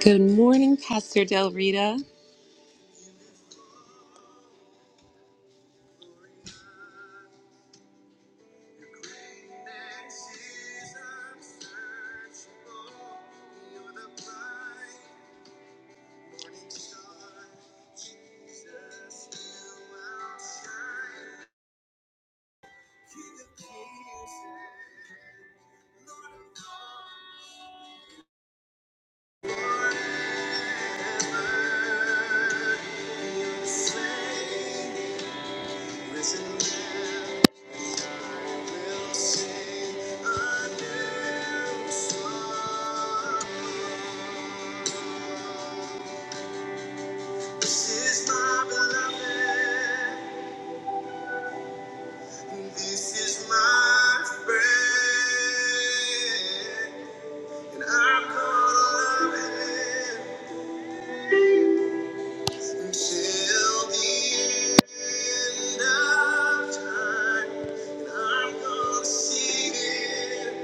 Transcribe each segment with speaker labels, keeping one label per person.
Speaker 1: Good morning, Pastor Del Rita. This is my beloved. This is my friend. And I'm gonna love him until the end of time. And I'm gonna see him.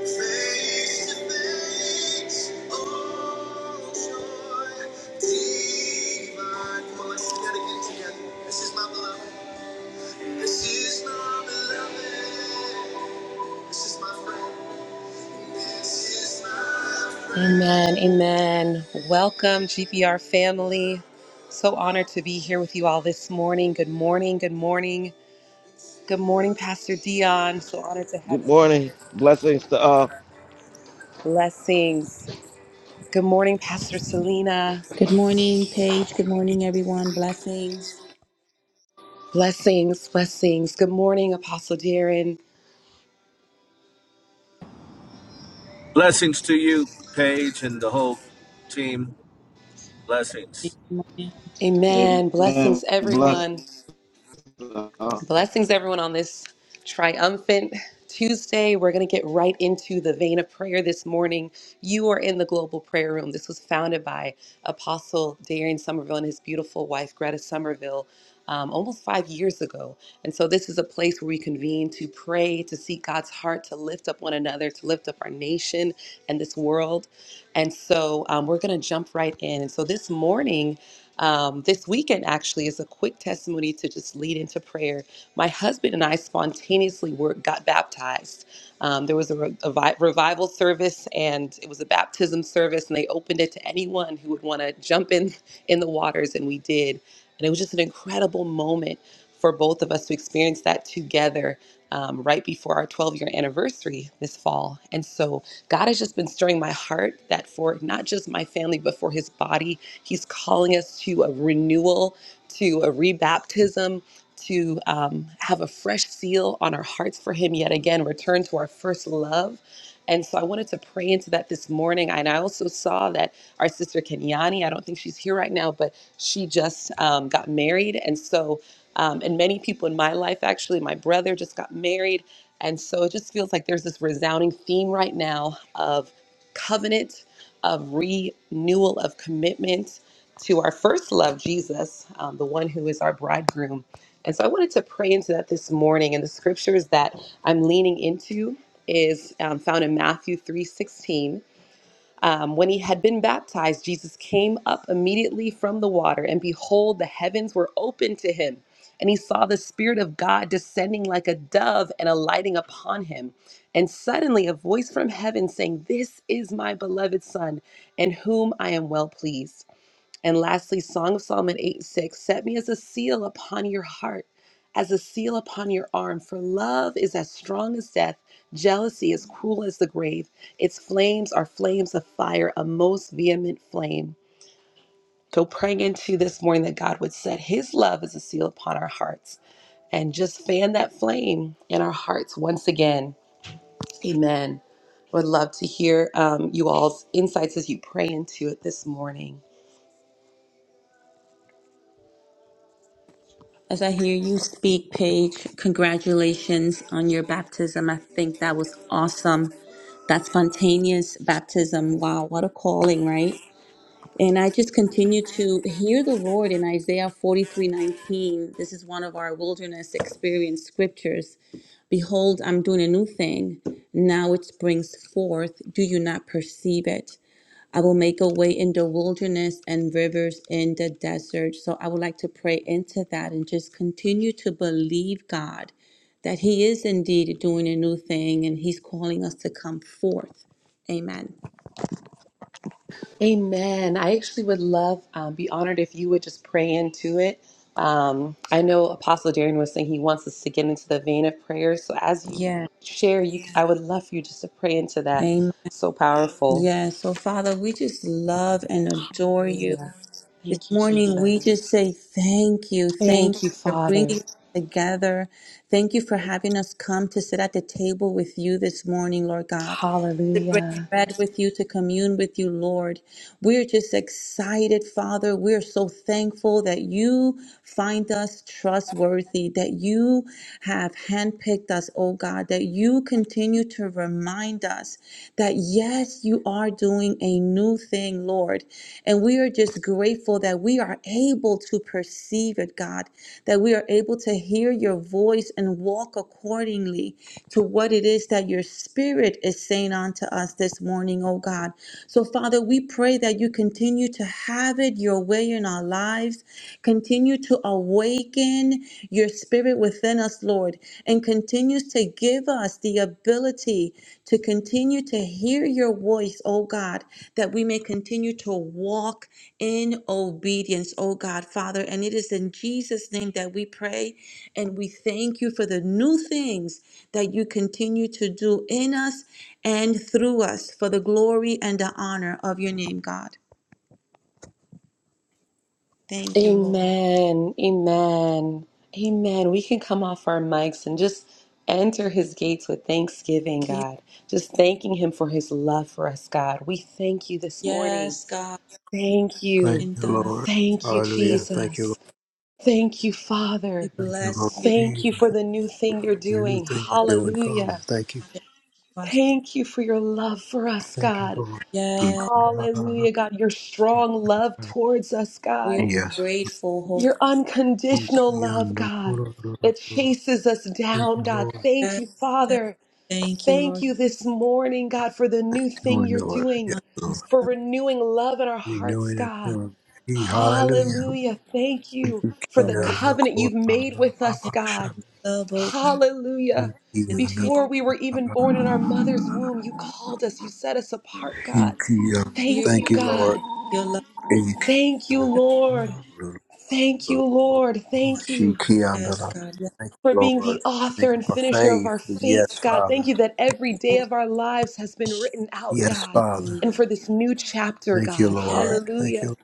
Speaker 1: Face to face, oh joy, divine. Come on, let's sing that again together. This is my beloved. This is my beloved. This is my friend. This is my friend. Amen. Amen. Welcome, GPR family. So honored to be here with you all this morning. Good morning. Good morning. Good morning, Pastor Dion. So honored to have
Speaker 2: Good
Speaker 1: you here.
Speaker 2: morning. Blessings to all.
Speaker 1: Blessings. Good morning, Pastor Selena.
Speaker 3: Good morning, Paige. Good morning, everyone. Blessings.
Speaker 1: Blessings, blessings. Good morning, Apostle Darren.
Speaker 4: Blessings to you, Paige, and the whole team. Blessings.
Speaker 3: Good morning.
Speaker 1: Amen.
Speaker 2: Amen.
Speaker 1: Blessings,
Speaker 2: Bless.
Speaker 1: everyone.
Speaker 2: the- uh,
Speaker 1: Blessings, everyone, on this triumphant Tuesday. We're going to get right into the vein of prayer this morning. You are in the Global Prayer Room. This was founded by Apostle Darian Somerville and his beautiful wife, Greta Somerville. um, almost five years ago. And so, this is a place where we convene to pray, to seek God's heart, to lift up one another, to lift up our nation and this world. And so, um, we're going to jump right in. And so, this morning, um, this weekend actually is a quick testimony to just lead into prayer my husband and I spontaneously were got baptized. Um, there was a, re- a vi- revival service, and it was a baptism service, and they opened it to anyone who would want to jump in in the waters, and we did. And it was just an incredible moment for both of us to experience that together um, right before our 12 year anniversary this fall. And so God has just been stirring my heart that for not just my family, but for his body, he's calling us to a renewal, to a rebaptism to um, have a fresh seal on our hearts for Him yet again, return to our first love. And so I wanted to pray into that this morning. And I also saw that our sister Kenyani, I don't think she's here right now, but she just um, got married. And so, um, and many people in my life, actually, my brother just got married. And so it just feels like there's this resounding theme right now of covenant, of renewal, of commitment to our first love, Jesus, um, the one who is our bridegroom and so I wanted to pray into that this morning. And the scriptures that I'm leaning into is um, found in Matthew 3:16. Um, when he had been baptized, Jesus came up immediately from the water, and behold, the heavens were opened to him. And he saw the Spirit of God descending like a dove and alighting upon him. And suddenly a voice from heaven saying, This is my beloved Son, in whom I am well pleased. And lastly, Song of Solomon 8 6 Set me as a seal upon your heart, as a seal upon your arm, for love is as strong as death, jealousy as cruel as the grave. Its flames are flames of fire, a most vehement flame. So, praying into this morning that God would set his love as a seal upon our hearts and just fan that flame in our hearts once again. Amen. Would love to hear um, you all's insights as you pray into it this morning.
Speaker 3: As I hear you speak, Paige, congratulations on your baptism. I think that was awesome. That spontaneous baptism. Wow, what a calling, right? And I just continue to hear the Lord in Isaiah 43 19. This is one of our wilderness experience scriptures. Behold, I'm doing a new thing. Now it springs forth. Do you not perceive it? I will make a way in the wilderness and rivers in the desert. So I would like to pray into that and just continue to believe God that He is indeed doing a new thing and He's calling us to come forth. Amen.
Speaker 1: Amen. I actually would love, um, be honored if you would just pray into it. Um, I know Apostle Darren was saying he wants us to get into the vein of prayer. So as you
Speaker 3: Yeah.
Speaker 1: share, you, I would love for you just to pray into that.
Speaker 3: Amen.
Speaker 1: So powerful.
Speaker 3: Yeah. So, Father, we just love and adore you.
Speaker 1: Hallelujah.
Speaker 3: This
Speaker 1: Thank you,
Speaker 3: morning, we
Speaker 1: Jesus.
Speaker 3: just say thank you. Thank
Speaker 1: Thank you,
Speaker 3: you for
Speaker 1: Father.
Speaker 3: bringing us together. Thank you for having us come to sit at the table with you this morning, Lord God. to break
Speaker 1: Hallelujah.
Speaker 3: bread with you, to commune with you, Lord. We're just excited, Father. We're so thankful that you find us trustworthy, that you have handpicked us, oh God, that you continue to remind us that yes, you are doing a new thing, Lord. And we are just grateful that we are able to perceive it, God, that we are able to hear your voice and walk accordingly to what it is that your spirit is saying unto us this morning, oh God. So, Father, we pray that you continue to have it your way in our lives. Continue to awaken your spirit within us, Lord, and continues to give us the ability to continue to hear your voice, oh God, that we may continue to walk in obedience, oh God, Father. And it is in Jesus' name that we pray and we thank you for the new things that you continue to do in us and through us for the glory and the honor of your name, God. Thank you, Lord.
Speaker 1: Amen. Amen. Amen. We can come off our mics and just enter his gates with thanksgiving, God. Just thanking him for his love for us, God. We thank you this morning.
Speaker 3: Yes, God.
Speaker 1: Thank
Speaker 5: Thank
Speaker 1: you.
Speaker 5: you, Lord.
Speaker 1: Thank you,
Speaker 5: Hallelujah. Thank you,
Speaker 1: Jesus.
Speaker 5: Lord.
Speaker 1: Thank you,
Speaker 3: We
Speaker 1: Father.
Speaker 5: Thank you, Lord.
Speaker 3: bless you.
Speaker 1: Thank you
Speaker 5: Jesus,
Speaker 1: for the new thing you're
Speaker 5: the new
Speaker 1: doing.
Speaker 5: thing you're doing, Father.
Speaker 1: Hallelujah.
Speaker 5: Thank you.
Speaker 1: Thank you for your love for us,
Speaker 5: Thank you,
Speaker 1: God.
Speaker 5: Lord.
Speaker 3: Yes,
Speaker 1: Hallelujah, God. Your strong love towards us,
Speaker 3: we are
Speaker 1: God.
Speaker 5: Yes.
Speaker 3: grateful. Hold
Speaker 1: Your
Speaker 5: Thank
Speaker 3: up.
Speaker 1: unconditional love,
Speaker 5: you,
Speaker 1: God,
Speaker 5: Lord.
Speaker 1: that chases us down, God. Thank
Speaker 3: Yes,
Speaker 1: you,
Speaker 3: yes.
Speaker 1: Father.
Speaker 3: Thank you,
Speaker 1: Thank
Speaker 3: Lord.
Speaker 1: you this morning, God, for the new thing
Speaker 5: Doing
Speaker 1: you're
Speaker 5: Lord.
Speaker 1: doing,
Speaker 5: Yes, Lord.
Speaker 3: Comes
Speaker 1: for
Speaker 3: from
Speaker 1: renewing love in our hearts,
Speaker 5: Renewing it
Speaker 1: God.
Speaker 3: God.
Speaker 5: for Hallelujah.
Speaker 1: Hallelujah. Thank you
Speaker 5: Thank
Speaker 1: for
Speaker 3: Oh,
Speaker 1: the covenant
Speaker 5: you,
Speaker 1: you've made with us,
Speaker 3: in
Speaker 1: God.
Speaker 3: love, oh God.
Speaker 1: Hallelujah.
Speaker 3: Continue
Speaker 1: Before we were even born in our mother's womb, you called us, you set us apart, God.
Speaker 3: to pierce
Speaker 1: Thank you, God.
Speaker 3: your love.
Speaker 1: Thank you,
Speaker 3: God.
Speaker 1: Lord.
Speaker 5: Lord.
Speaker 1: Thank you, Lord. Thank
Speaker 5: She
Speaker 1: you.
Speaker 3: Yes,
Speaker 5: Kiandala.
Speaker 3: God.
Speaker 5: Thank
Speaker 1: for
Speaker 5: you,
Speaker 1: being the
Speaker 5: Lord.
Speaker 1: author
Speaker 5: Thank you
Speaker 1: and
Speaker 5: for
Speaker 1: finisher of our
Speaker 5: faith.
Speaker 1: fates,
Speaker 5: Yes,
Speaker 1: God. Thank
Speaker 5: Father.
Speaker 1: you that every day
Speaker 3: Yes,
Speaker 1: of our lives has been written out,
Speaker 5: Yes,
Speaker 1: God,
Speaker 5: Father.
Speaker 1: and
Speaker 3: hallelujah.
Speaker 1: for this new chapter,
Speaker 5: Thank you,
Speaker 1: God.
Speaker 5: Lord.
Speaker 3: Yes,
Speaker 5: Thank
Speaker 1: Hallelujah.
Speaker 5: you.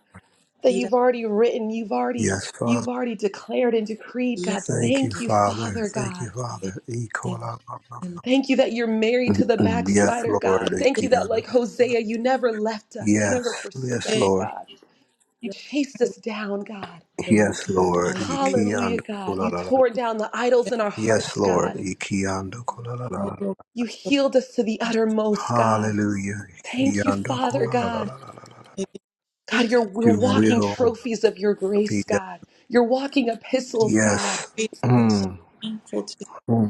Speaker 1: That
Speaker 3: Peter.
Speaker 1: you've already written, you've already
Speaker 5: Yes, Father.
Speaker 1: you've already declared and decreed,
Speaker 3: Yes,
Speaker 1: God.
Speaker 5: Thank you,
Speaker 1: Thank you,
Speaker 5: Father.
Speaker 1: Father
Speaker 5: Thank you,
Speaker 1: God.
Speaker 5: Father.
Speaker 3: God.
Speaker 5: Ikola-
Speaker 3: and
Speaker 1: Thank you that you're married to the
Speaker 5: Yes,
Speaker 1: backslider,
Speaker 5: Lord.
Speaker 1: God. Thank
Speaker 3: Lord.
Speaker 1: you that
Speaker 5: Ikianda.
Speaker 1: like Hosea, you never left us. You never
Speaker 5: Yes.
Speaker 1: forsook
Speaker 5: Yes,
Speaker 3: Hey,
Speaker 1: us,
Speaker 5: Lord.
Speaker 1: God. You
Speaker 3: you're
Speaker 1: chased
Speaker 3: my
Speaker 1: us down, God.
Speaker 3: word, Lord
Speaker 5: Yes,
Speaker 3: God.
Speaker 5: Lord.
Speaker 3: Hallelujah.
Speaker 1: Hallelujah,
Speaker 5: Ikianda.
Speaker 1: God. You
Speaker 5: Kulalala.
Speaker 1: tore down the idols
Speaker 3: Thank
Speaker 1: in our
Speaker 5: Yes,
Speaker 1: hearts,
Speaker 3: you,
Speaker 5: Lord.
Speaker 1: God.
Speaker 3: Lord.
Speaker 5: Ikianda.
Speaker 3: Oh,
Speaker 5: Kulalala.
Speaker 3: Lord,
Speaker 1: You
Speaker 3: so
Speaker 1: healed us to the
Speaker 3: much,
Speaker 1: uttermost, God.
Speaker 5: Hallelujah.
Speaker 1: Thank you,
Speaker 5: Ikianda.
Speaker 1: Father
Speaker 3: Lord.
Speaker 1: God.
Speaker 5: Kulalala.
Speaker 3: Thank you,
Speaker 1: God,
Speaker 3: Jesus.
Speaker 1: you're we're
Speaker 5: Your
Speaker 3: I'm
Speaker 1: walking
Speaker 3: so
Speaker 5: will
Speaker 1: trophies of your
Speaker 5: be
Speaker 1: grace,
Speaker 5: done.
Speaker 1: God. You're walking epistles, God.
Speaker 5: Yes.
Speaker 3: grateful and so
Speaker 5: Mm.
Speaker 3: thankful to you,
Speaker 5: Mm.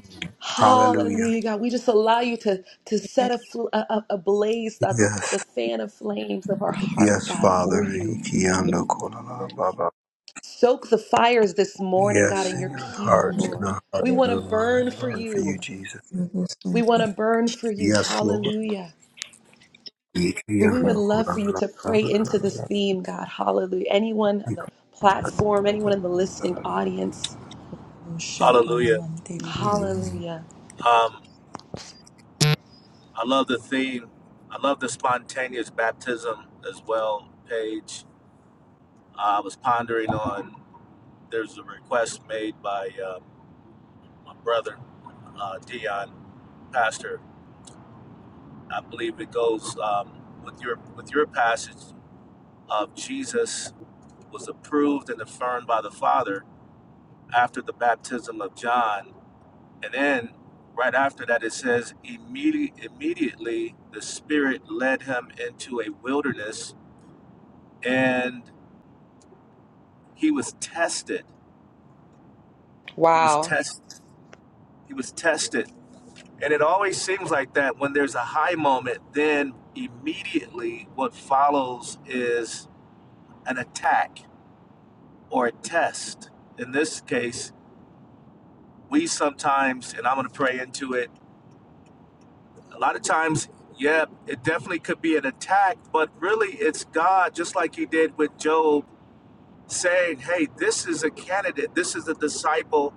Speaker 5: Hallelujah.
Speaker 1: Hallelujah, God. We just allow you to, to set
Speaker 3: Thank
Speaker 1: a, fl- a, a a blaze, God, the, the
Speaker 5: Yes.
Speaker 1: fan of flames of our
Speaker 3: you,
Speaker 1: heart,
Speaker 5: Yes,
Speaker 1: God, for
Speaker 5: Father.
Speaker 1: you.
Speaker 5: Ikiando kolala
Speaker 3: Lord.
Speaker 5: baba.
Speaker 1: Soak the fires this morning, God,
Speaker 5: Yes,
Speaker 1: in your
Speaker 5: in your
Speaker 3: Yeah, Lord
Speaker 1: people,
Speaker 5: hearts, in
Speaker 1: Lord.
Speaker 5: our hearts,
Speaker 1: We
Speaker 5: in
Speaker 1: want
Speaker 3: Hallelujah.
Speaker 5: our
Speaker 1: to burn
Speaker 5: mind.
Speaker 1: for
Speaker 5: Burn for
Speaker 1: you.
Speaker 5: you, Jesus.
Speaker 3: We will sing
Speaker 1: We want
Speaker 3: the
Speaker 1: to burn for you.
Speaker 5: Yes, Lord.
Speaker 1: Hallelujah. So we would
Speaker 3: poor.
Speaker 5: Ikiando
Speaker 1: love for you
Speaker 5: kolala
Speaker 1: to pray into this
Speaker 5: baba.
Speaker 1: theme, God. Hallelujah. Anyone on the
Speaker 3: Hallelujah.
Speaker 1: platform, anyone in the listening audience.
Speaker 3: Shake the
Speaker 4: Hallelujah.
Speaker 3: lemon, baby, baby.
Speaker 5: Mm.
Speaker 1: Hallelujah.
Speaker 4: Um, I love the theme. I love the spontaneous baptism as well, Paige. I was pondering on there's a request made by uh, my brother, uh, Dion, pastor. I believe it goes um, with your with your passage of Jesus was approved and affirmed by the Father after the baptism of John And then right after that, it says, immediately. immediately the Spirit led him into a wilderness and he was tested. He was
Speaker 1: Wow.
Speaker 4: test. He was tested. And it always seems like that when there's a high moment, then immediately what follows is an attack or a test. In this case, we sometimes, and I'm going to pray into it a lot of times, yeah, it definitely could be an attack, but really it's God, just like he did with Job, saying, hey, this is a candidate, this is a disciple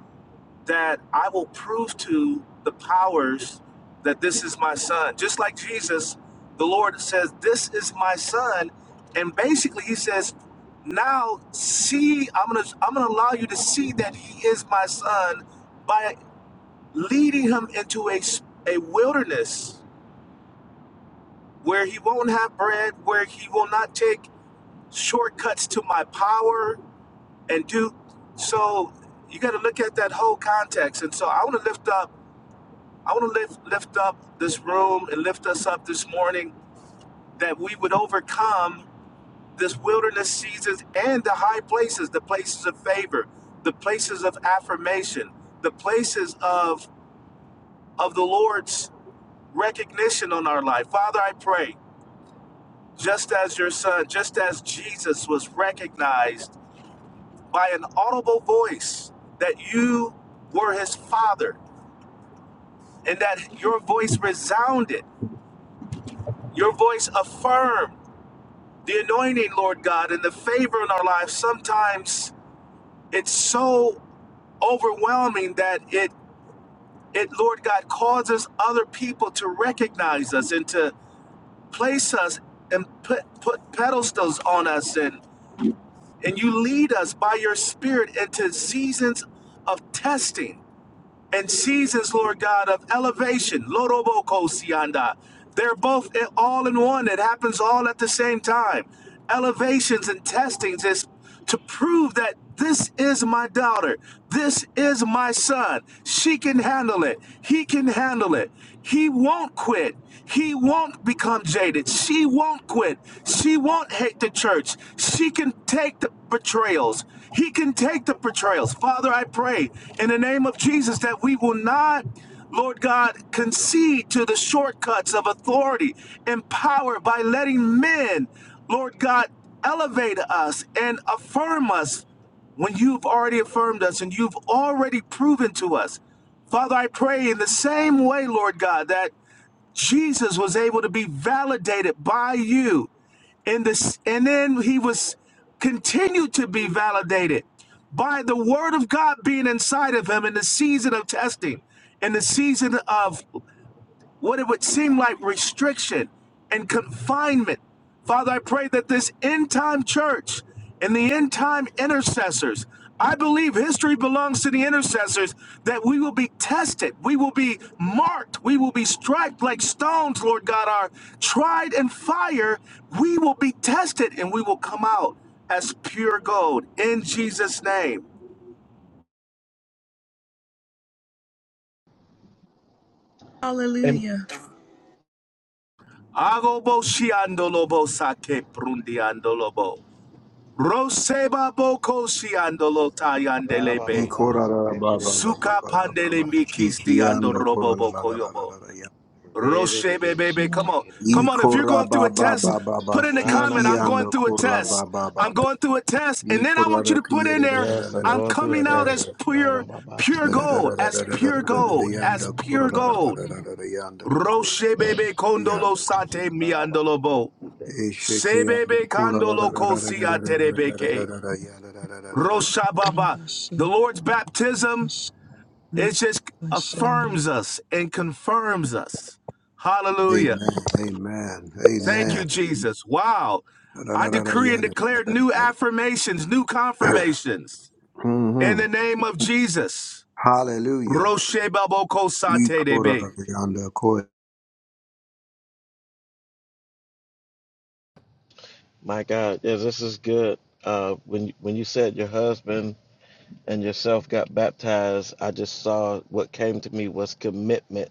Speaker 4: that I will prove to the powers that this is my son. Just like Jesus, the Lord says, this is my son. And basically he says, now see, I'm gonna I'm gonna allow you to see that he is my son by leading him into a a wilderness where he won't have bread, where he will not take shortcuts to my power and do so you got to look at that whole context. And so I want to lift up I want to lift lift up this room and lift us up this morning that we would overcome this wilderness seasons and the high places, the places of favor, the places of affirmation, the places of of the Lord's recognition on our life. Father, I pray Just as your son, just as Jesus was recognized by an audible voice that you were his father and that your voice resounded, your voice affirmed the anointing, Lord God, and the favor in our lives. Sometimes it's so overwhelming that it it Lord God causes other people to recognize us and to place us and put put pedestals on us and And you lead us by your spirit into seasons of testing and seasons, Lord God, of elevation. Loroboko sianda. They're both all in one. It happens all at the same time. Elevations and testings is to prove that this is my daughter. This is my son. She can handle it. He can handle it. He won't quit. He won't become jaded. She won't quit. She won't hate the church. She can take the betrayals. He can take the betrayals. Father, I pray in the name of Jesus that we will not, Lord God, concede to the shortcuts of authority and power by letting men, Lord God, elevate us and affirm us when you've already affirmed us and you've already proven to us. Father, I pray in the same way, Lord God, that Jesus was able to be validated by you. And this and then he was continued to be validated by the word of God being inside of him in the season of testing, in the season of what it would seem like restriction and confinement. Father, I pray that this end time church and the end time intercessors, I believe history belongs to the intercessors, that we will be tested, we will be marked, we will be striped like stones, Lord God, are tried in fire. We will be tested and we will come out as pure gold in Jesus' name.
Speaker 2: And
Speaker 1: Hallelujah.
Speaker 4: Agobo shiandolobo sake prundiandolobo. Roseba bokoshi andolota yandelebe.
Speaker 5: Ikorala baba baba
Speaker 4: Suka
Speaker 5: baba
Speaker 4: pandele
Speaker 5: baba.
Speaker 4: mikisti ando
Speaker 5: Shikiando
Speaker 4: robo
Speaker 5: kolala la
Speaker 4: boko
Speaker 5: la la la
Speaker 4: yobo.
Speaker 5: la la.
Speaker 4: Roshebe
Speaker 3: Yeah,
Speaker 4: bebe, come
Speaker 3: Lord.
Speaker 4: on.
Speaker 3: Let
Speaker 4: Come on, if you're going
Speaker 5: Ikora
Speaker 4: through
Speaker 5: baba
Speaker 4: a test,
Speaker 3: go,
Speaker 5: baba baba.
Speaker 4: put in the comment, I'm going
Speaker 5: Shikiando
Speaker 4: through a test. I'm going through a test. And then I want you to put in there,
Speaker 2: Yes, I'm
Speaker 4: I'm
Speaker 2: going through a
Speaker 4: coming out as
Speaker 2: test.
Speaker 4: pure, pure
Speaker 5: Yanda
Speaker 4: gold, as pure gold, as
Speaker 5: kura
Speaker 4: pure
Speaker 5: la la la
Speaker 4: gold.
Speaker 5: la la la yanda la kuya
Speaker 4: Roshebebe
Speaker 3: shake
Speaker 4: kondolo
Speaker 5: yanda
Speaker 4: sate miandolobo.
Speaker 5: esheke yanda
Speaker 4: Sebebe
Speaker 5: kura
Speaker 4: kandolo
Speaker 5: la la la la la
Speaker 4: kosi
Speaker 5: la la la la
Speaker 4: aterebeke.
Speaker 5: la la yanda la la la la la.
Speaker 3: it up,
Speaker 4: Roshababa.
Speaker 3: I
Speaker 4: The
Speaker 3: shake,
Speaker 4: Lord's
Speaker 3: I
Speaker 4: baptism,
Speaker 3: shake,
Speaker 4: it just
Speaker 3: I shake,
Speaker 4: affirms us and confirms us. Hallelujah.
Speaker 5: Amen. Amen.
Speaker 4: Thank
Speaker 5: Amen.
Speaker 4: you, Jesus. Wow.
Speaker 5: La la
Speaker 4: I
Speaker 5: la la
Speaker 4: decree and
Speaker 5: yanda.
Speaker 4: declare new affirmations, new confirmations in
Speaker 5: Hmm.
Speaker 4: the name of Jesus.
Speaker 5: Hallelujah.
Speaker 4: Roshababoko
Speaker 5: E kura
Speaker 4: satedebe.
Speaker 5: la la yanda kuya.
Speaker 2: My God, yeah, this is good. Uh, when when you said your husband and yourself got baptized, I just saw what came to me was commitment.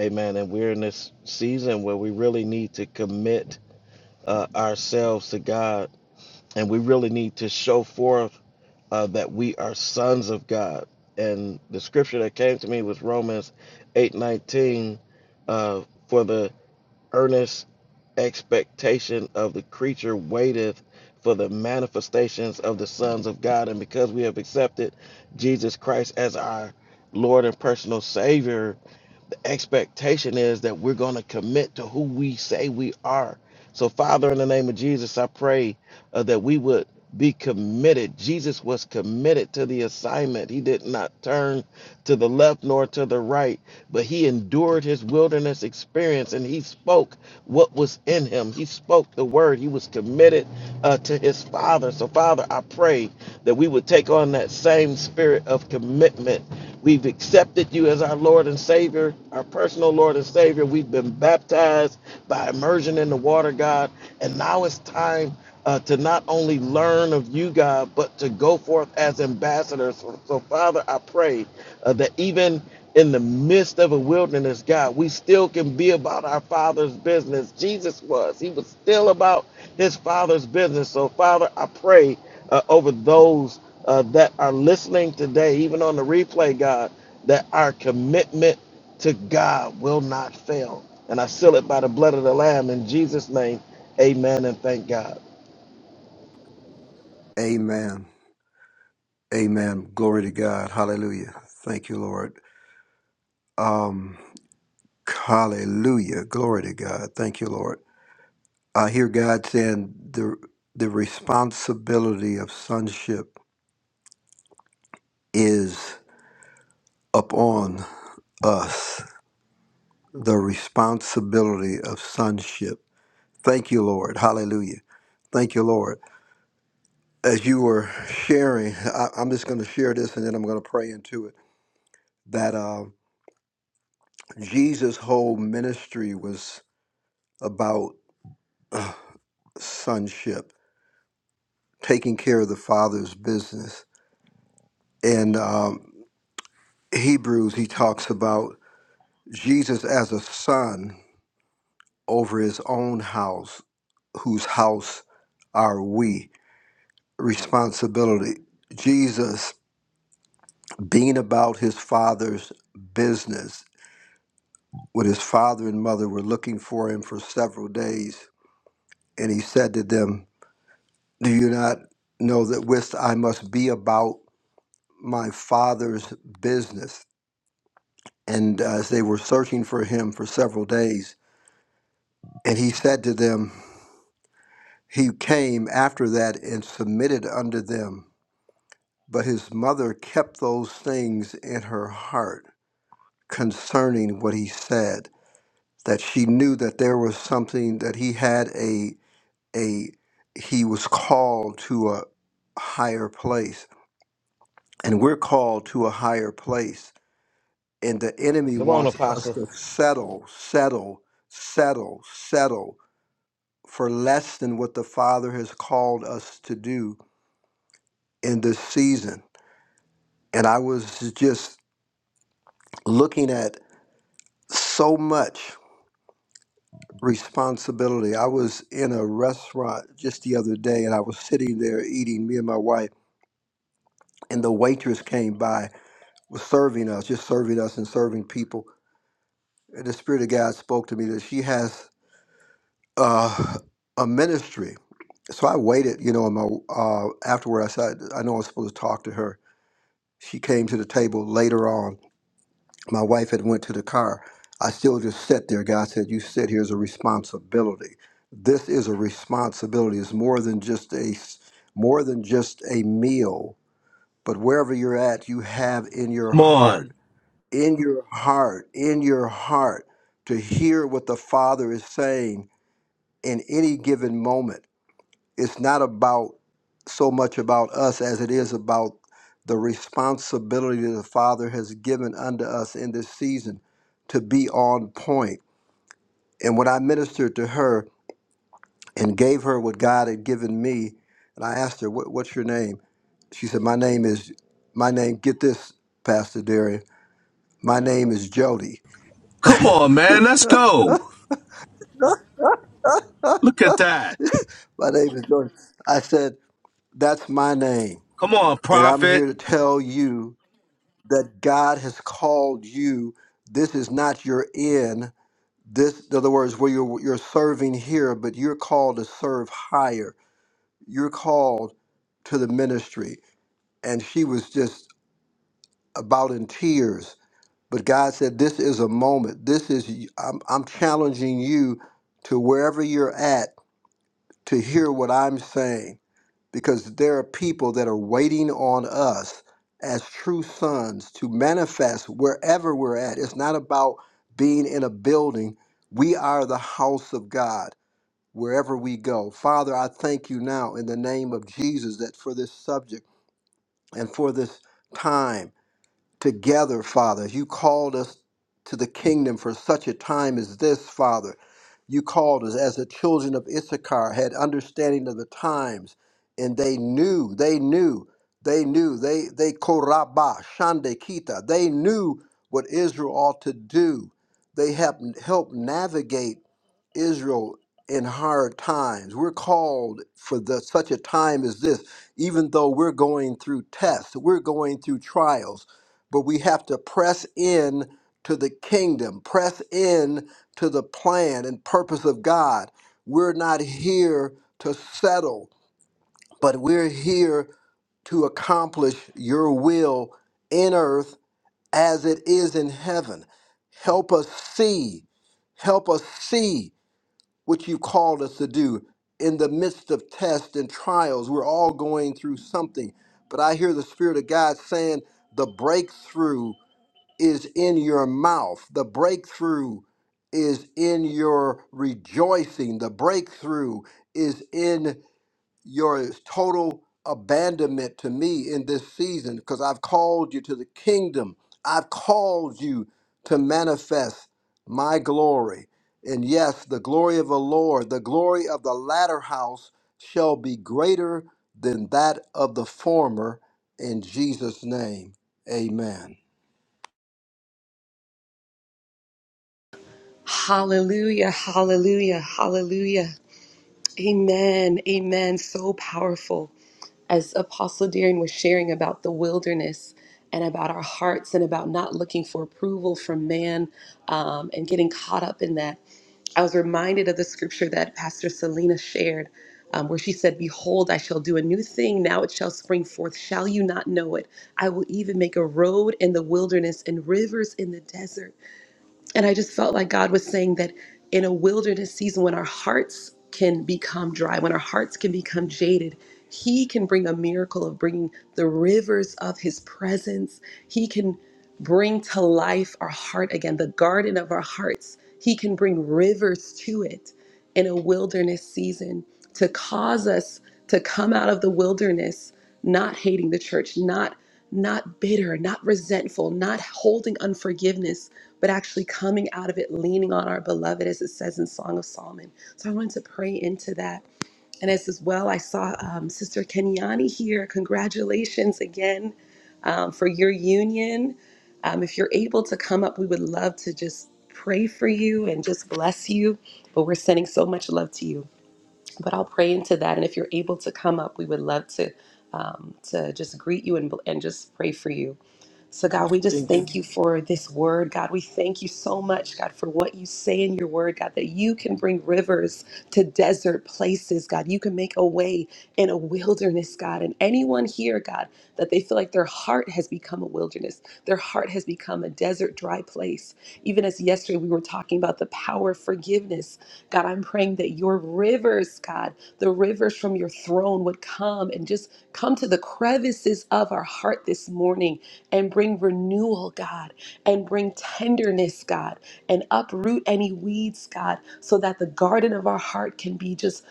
Speaker 2: Amen. And we're in this season where we really need to commit uh, ourselves to God, and we really need to show forth uh, that we are sons of God. And the scripture that came to me was Romans eight nineteen, uh, for the earnest expectation of the creature waiteth for the manifestations of the sons of God. And because we have accepted Jesus Christ as our Lord and personal Savior, the expectation is that we're going to commit to who we say we are. So, Father, in the name of Jesus, I pray uh, that we would be committed. Jesus was committed to the assignment. He did not turn to the left nor to the right, but he endured his wilderness experience and he spoke what was in him. He spoke the word. He was committed uh, to his his father. So, Father, I pray that we would take on that same spirit of commitment. We've accepted you as our Lord and Savior, our personal Lord and Savior. We've been baptized by immersion in the water, God. And now it's time uh, to not only learn of you, God, but to go forth as ambassadors. So, so Father, I pray uh, that even in the midst of a wilderness, God, we still can be about our Father's business. Jesus was. He was still about his Father's business. So, Father, I pray uh, over those uh, that are listening today, even on the replay, God, that our commitment to God will not fail. And I seal it by the blood of the Lamb in Jesus' name. Amen and thank God.
Speaker 5: Amen. Amen. Glory to God. Hallelujah. Thank you, Lord. Um. Hallelujah. Glory to God. Thank you, Lord. I hear God saying the the responsibility of sonship is upon us. The responsibility of sonship. Thank you, Lord. Hallelujah. Thank you, Lord. As you were sharing, I, I'm just going to share this and then I'm going to pray into it. That uh, Jesus' whole ministry was about uh, sonship, taking care of the Father's business. In um, Hebrews, he talks about Jesus as a son over his own house, whose house are we? Responsibility. Jesus being about his father's business when his father and mother were looking for him for several days. And he said to them, Do you not know that whist I must be about my father's business? And uh, as they were searching for him for several days, and he said to them, He came after that and submitted unto them. But his mother kept those things in her heart concerning what he said, that she knew that there was something that he had a a he was called to a higher place. And we're called to a higher place. And the enemy
Speaker 2: Come on,
Speaker 5: wants us
Speaker 2: Apostle.
Speaker 5: to settle, settle, settle, settle for less than what the Father has called us to do in this season And I was just looking at so much responsibility. I was in a restaurant just the other day and I was sitting there eating, me and my wife, and the waitress came by, was serving us, just serving us and serving people. And the Spirit of God spoke to me that she has uh, a ministry. So I waited, you know, and my, uh, afterward I said, I know I'm supposed to talk to her. She came to the table later on my wife had went to the car i still just sat there god said you sit here as a responsibility this is a responsibility it's more than just a more than just a meal but wherever you're at you have in your
Speaker 4: Come
Speaker 5: heart
Speaker 4: on.
Speaker 5: in your heart in your heart to hear what the father is saying in any given moment it's not about so much about us as it is about the responsibility that the Father has given unto us in this season to be on point. And when I ministered to her and gave her what God had given me, and I asked her, what, What's your name? She said, My name is, my name, get this, Pastor Darian. my name is Jody.
Speaker 4: Come on, man. Let's go. Look at that.
Speaker 5: My name is Jody. I said, That's my name.
Speaker 4: Come on,
Speaker 5: And I'm
Speaker 4: prophet.
Speaker 5: here to tell you that God has called you. This is not your end. This, in other words, where you're, you're serving here, but you're called to serve higher. You're called to the ministry. And she was just about in tears. But God said, This is a moment. This is, I'm, I'm challenging you to wherever you're at to hear what I'm saying because there are people that are waiting on us as true sons to manifest wherever we're at. It's not about being in a building. We are the house of God wherever we go. Father, I thank you now in the name of Jesus that for this subject and for this time together, Father. You called us to the kingdom for such a time as this, Father. You called us as the children of Issachar had understanding of the times, and they knew, they knew, they knew, they they koraba shande kita. They knew what Israel ought to do. They have helped navigate Israel in hard times. We're called for the, such a time as this, even though we're going through tests, we're going through trials but we have to press in to the kingdom, press in to the plan and purpose of God. We're not here to settle, but we're here to accomplish your will in earth as it is in heaven. Help us see, help us see what you called us to do in the midst of tests and trials. We're all going through something, but I hear the Spirit of God saying, the breakthrough is in your mouth. The breakthrough is in your rejoicing. The breakthrough is in your total abandonment to me in this season because I've called you to the kingdom. I've called you to manifest my glory. And yes, the glory of the Lord, the glory of the latter house shall be greater than that of the former in Jesus' name. Amen.
Speaker 1: Hallelujah. Hallelujah. Hallelujah. Amen. Amen. So powerful. as Apostle Darren was sharing about the wilderness and about our hearts and about not looking for approval from man um, and getting caught up in that, I was reminded of the scripture that Pastor Selena shared, um, where she said, Behold, I shall do a new thing. Now it shall spring forth. Shall you not know it? I will even make a road in the wilderness and rivers in the desert. And I just felt like God was saying that in a wilderness season, when our hearts can become dry, when our hearts can become jaded, He can bring a miracle of bringing the rivers of His presence. He can bring to life our heart again, the garden of our hearts. He can bring rivers to it in a wilderness season to cause us to come out of the wilderness not hating the church, not not bitter, not resentful, not holding unforgiveness, but actually coming out of it, leaning on our beloved, as it says in Song of Solomon. So I wanted to pray into that. And as, as well, I saw um, Sister Kenyani here. Congratulations again um, for your union. Um, if you're able to come up, we would love to just pray for you and just bless you. But we're sending so much love to you but I'll pray into that. And if you're able to come up, we would love to um, to just greet you and and just pray for you. So God, we just
Speaker 2: King-
Speaker 1: thank you for this word, God. We thank you so much, God, for what you say in your word, God, that you can bring rivers to desert places, God. You can make a way in a wilderness, God. And anyone here, God, that they feel like their heart has become a wilderness, their heart has become a desert, dry place. Even as yesterday we were talking about the power of forgiveness God, I'm praying that your rivers, God, the rivers from your throne would come and just come to the crevices of our heart this morning and bring renewal, God, and bring tenderness, God, and uproot any weeds, God, so that the garden of our heart can be just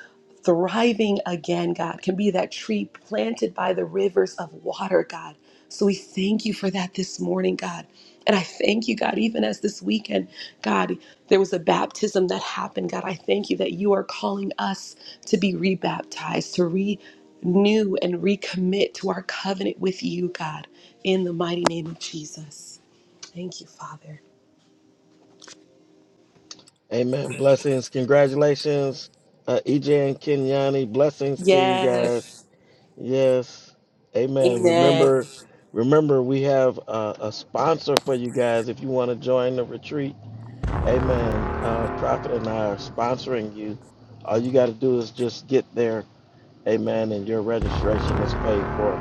Speaker 1: thriving again, God, can be that tree planted by the rivers of water, God. So we thank you for that this morning, God. And I thank you, God, even as this weekend, God, there was a baptism that happened. God, I thank you that you are calling us to be rebaptized, to renew and recommit to our covenant with you, God, in the mighty name of Jesus. Thank you, Father.
Speaker 2: Amen. Blessings. Congratulations, uh, EJ and Kenyani. Blessings to you guys.
Speaker 1: Yes.
Speaker 2: Yes. Amen.
Speaker 1: Amen.
Speaker 2: Remember, remember we have a, a sponsor for you guys if you want to join the retreat. Amen. Uh, Prophet and I are sponsoring you. All you got to do is just get there. Amen. And your registration is paid for.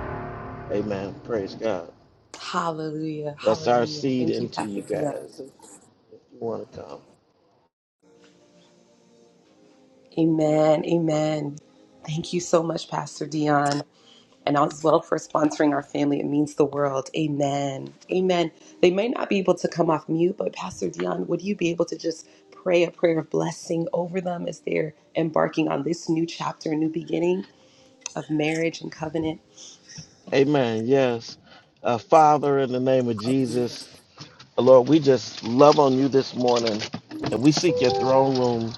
Speaker 2: Amen. Praise God.
Speaker 1: Hallelujah.
Speaker 2: That's our
Speaker 1: Hallelujah.
Speaker 2: seed
Speaker 1: Thank you,
Speaker 2: into you
Speaker 1: Pastor Dion.
Speaker 2: guys if you want to come.
Speaker 1: Amen. Amen. Thank you so much, Pastor Dion. and as well for sponsoring our family. It means the world. Amen. Amen. They may not be able to come off mute, but Pastor Dion, would you be able to just pray a prayer of blessing over them as they're embarking on this new chapter, new beginning of marriage and covenant?
Speaker 2: Amen. Yes. Uh, Father, in the name of Jesus, Lord, we just love on you this morning and we seek your throne room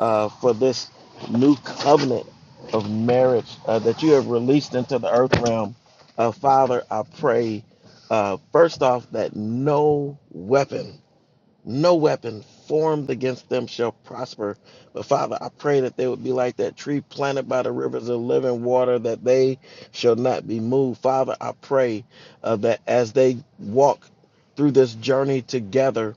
Speaker 2: uh, for this new covenant of marriage uh, that you have released into the earth realm. Uh, Father, I pray uh, first off that no weapon no weapon formed against them shall prosper. But Father, I pray that they would be like that tree planted by the rivers of living water, that they shall not be moved. Father, I pray uh, that as they walk through this journey together,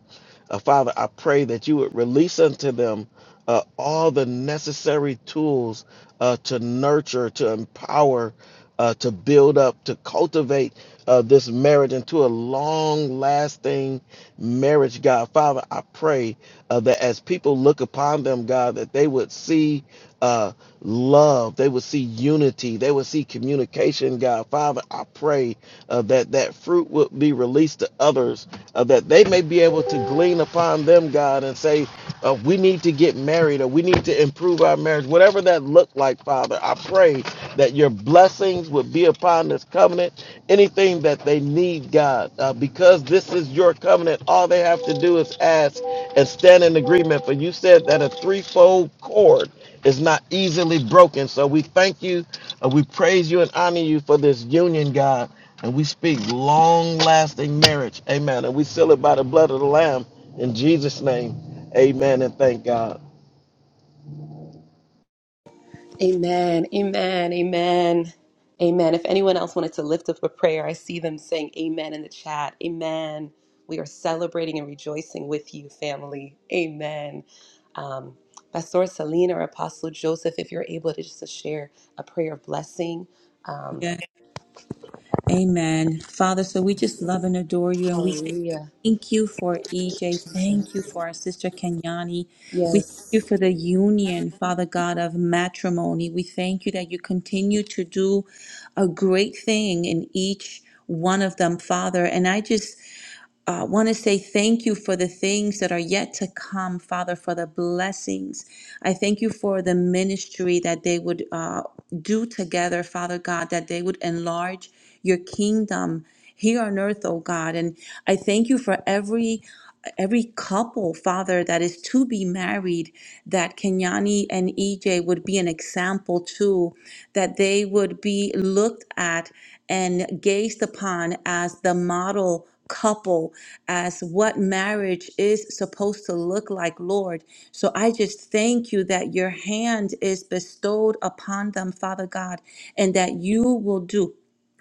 Speaker 2: uh, Father, I pray that you would release unto them uh, all the necessary tools uh, to nurture, to empower, uh, to build up, to cultivate uh, this marriage into a long lasting marriage, God. Father, I pray uh, that as people look upon them, God, that they would see uh, love. They would see unity. They would see communication, God. Father, I pray uh, that that fruit would be released to others, uh, that they may be able to glean upon them, God, and say, uh, we need to get married or we need to improve our marriage, whatever that looked like, Father. I pray that your blessings would be upon this covenant, anything that they need, God, uh, because this is your covenant. All they have to do is ask and stand in agreement. For you said that a threefold cord is not easily broken. So we thank you, uh, we praise you and honor you for this union, God. And we speak long lasting marriage. Amen. And we seal it by the blood of the Lamb in Jesus' name. Amen. And thank God.
Speaker 1: Amen. Amen. Amen. Amen. If anyone else wanted to lift up a prayer, I see them saying amen in the chat. Amen. We are celebrating and rejoicing with you, family. Amen. Um, Pastor Selena or Apostle Joseph, if you're able to just to share a prayer of blessing. Um,
Speaker 3: Lord. Amen. Father, so we just love and adore you and we say
Speaker 1: hallelujah.
Speaker 3: thank you for EJ. Thank you for our sister Kenyani. We thank you
Speaker 1: Yes.
Speaker 3: for the union, Father God, of matrimony. We thank you that you continue to do a great thing in each one of them, Father. And I just uh, want to say thank you for the things that are yet to come, Father, for the blessings. I thank you for the ministry that they would uh, do together, Father God, that they would enlarge your kingdom here on earth, oh God. And I thank you for every every couple, Father, that is to be married, that Kenyani and EJ would be an example to, that they would be looked at and gazed upon as the model couple, as what marriage is supposed to look like, Lord. So I just thank you that your hand is bestowed upon them, Father God, and that you will do.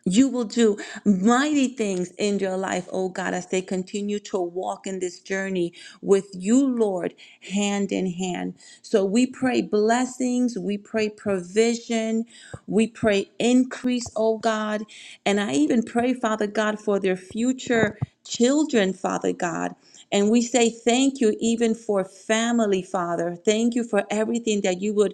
Speaker 3: You will do mighty things in your life, oh God, as they continue to walk in this journey with you, Lord, hand in hand. So we pray blessings, we pray provision, we pray increase, oh God. And I even pray, Father God, for their future children, Father God. And we say thank you even for family, Father. Thank you for everything that you would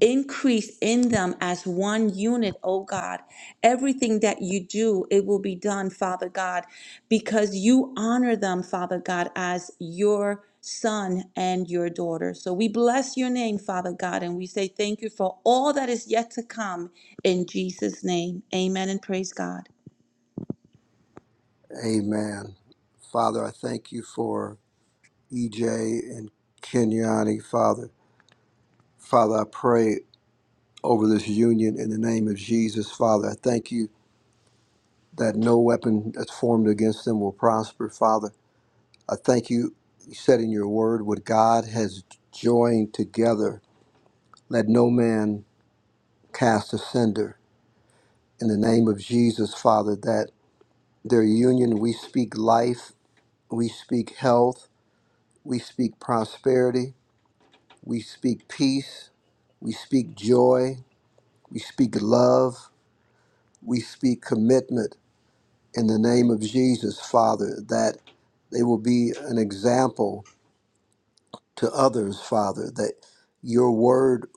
Speaker 3: increase in them as one unit, oh God. Everything that you do, it will be done, Father God, because you honor them, Father God, as your son and your daughter. So we bless your name, Father God, and we say thank you for all that is yet to come in Jesus' name. Amen and praise God.
Speaker 5: Amen. Father, I thank you for EJ and Kenyani, Father. Father, I pray over this union in the name of Jesus, Father. I thank you that no weapon that's formed against them will prosper, Father. I thank you, you said in your word, what God has joined together, let no man cast asunder. In the name of Jesus, Father, that their union, we speak life, we speak health, we speak prosperity, We speak peace. We speak joy. We speak love. We speak commitment in the name of Jesus, Father, that they will be an example to others, Father, that your word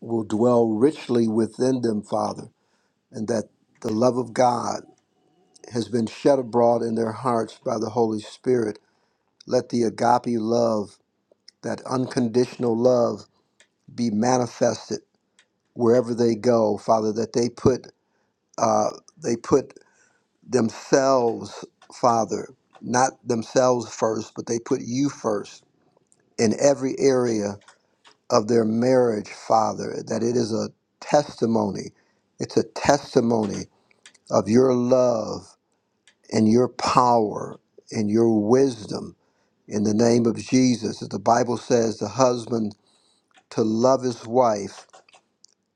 Speaker 5: will dwell richly within them, Father, and that the love of God has been shed abroad in their hearts by the Holy Spirit. Let the agape love, that unconditional love, be manifested wherever they go, Father, that they put uh, they put themselves, Father, not themselves first, but they put you first in every area of their marriage, Father, that it is a testimony. It's a testimony of your love and your power and your wisdom in the name of Jesus. As the Bible says, the husband to love his wife,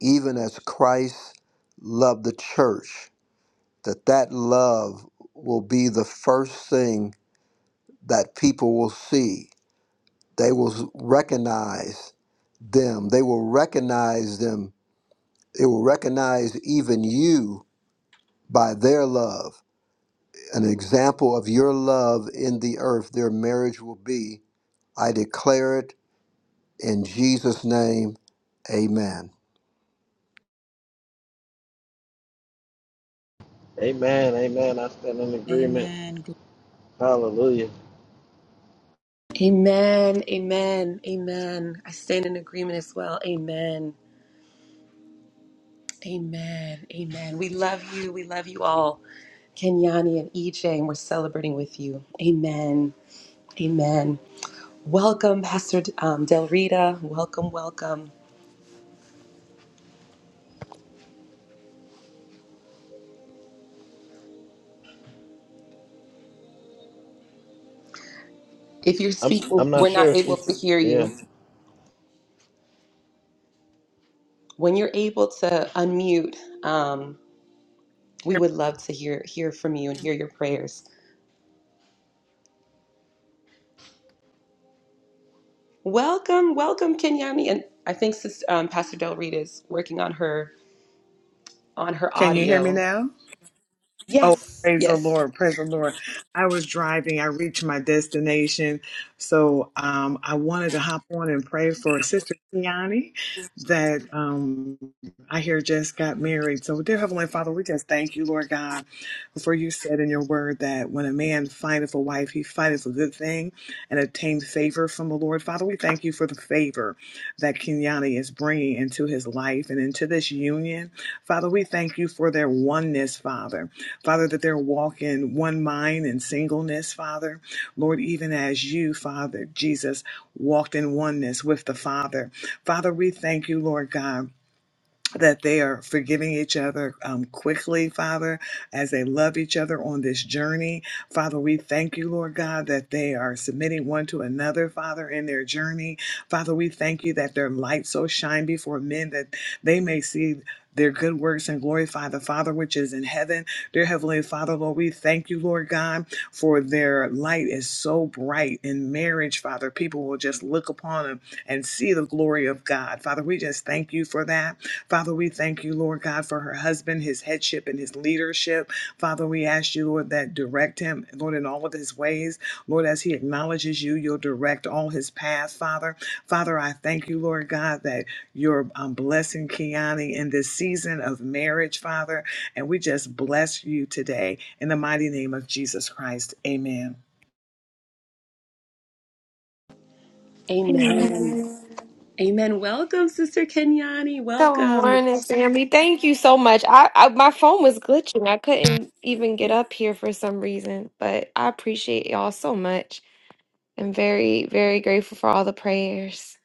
Speaker 5: even as Christ loved the church that that love will be the first thing that people will see they will recognize them they will recognize them they will recognize even you by their love an example of your love in the earth their marriage will be i declare it in jesus name amen
Speaker 2: Amen. Amen. I stand in agreement.
Speaker 3: Amen.
Speaker 2: Hallelujah.
Speaker 1: Amen. Amen. Amen. I stand in agreement as well. Amen. Amen. Amen. We love you. We love you all. Kenyani and EJ, and we're celebrating with you. Amen. Amen. Welcome, Pastor um, Del Rita. Welcome, welcome. If you're
Speaker 2: I'm
Speaker 1: speaking,
Speaker 2: I'm not
Speaker 1: we're
Speaker 2: sure
Speaker 1: not
Speaker 2: if
Speaker 1: able
Speaker 2: she's
Speaker 1: to hear
Speaker 2: yeah.
Speaker 1: you. When you're able to unmute, um, we would love to hear hear from you and hear your prayers. Welcome, welcome, Kenyani, and I think Sis um, Pastor Del Rita is working on her on her
Speaker 6: Can you hear me
Speaker 1: audio.
Speaker 6: now? Oh,
Speaker 1: Yes,
Speaker 6: praise the
Speaker 1: yes.
Speaker 6: Lord, praise the Lord. I was driving, I reached my destination. So um, I wanted to hop on and pray for Sister Kiani that um, I hear just got married. So, dear Heavenly Father, we just thank you, Lord God, for you said in your word that when a man findeth a wife, he findeth a good thing and obtains favor from the Lord. Father, we thank you for the favor that Kiani is bringing into his life and into this union. Father, we thank you for their oneness, Father. Father, that they'll walk in one mind and singleness, Father. Lord, even as you, Father, Jesus, walked in oneness with the Father. Father, we thank you, Lord God that they are forgiving each other um, quickly, Father, as they love each other on this journey. Father, we thank you, Lord God, that they are submitting one to another, Father, in their journey. Father, we thank you that their light so shine before men that they may see. Their good works and glorify the Father which is in heaven. Dear Heavenly Father, Lord, we thank you, Lord God, for their light is so bright in marriage, Father. People will just look upon them and see the glory of God. Father, we just thank you for that. Father, we thank you, Lord God, for her husband, his headship, and his leadership. Father, we ask you, Lord, that direct him, Lord, in all of his ways. Lord, as he acknowledges you, you'll direct all his path, Father. Father, I thank you, Lord God, that you're um, blessing Kiani in this season of marriage, Father. And we just bless you today in the mighty name of Jesus Christ. Amen.
Speaker 1: Amen.
Speaker 7: Amen.
Speaker 1: Amen. Welcome, Sister Kenyani.
Speaker 7: Good
Speaker 1: Welcome.
Speaker 7: morning, family. Thank you so much. I, I my phone was glitching. I couldn't even get up here for some reason, but I appreciate y'all so much. I'm very, very grateful for all the prayers.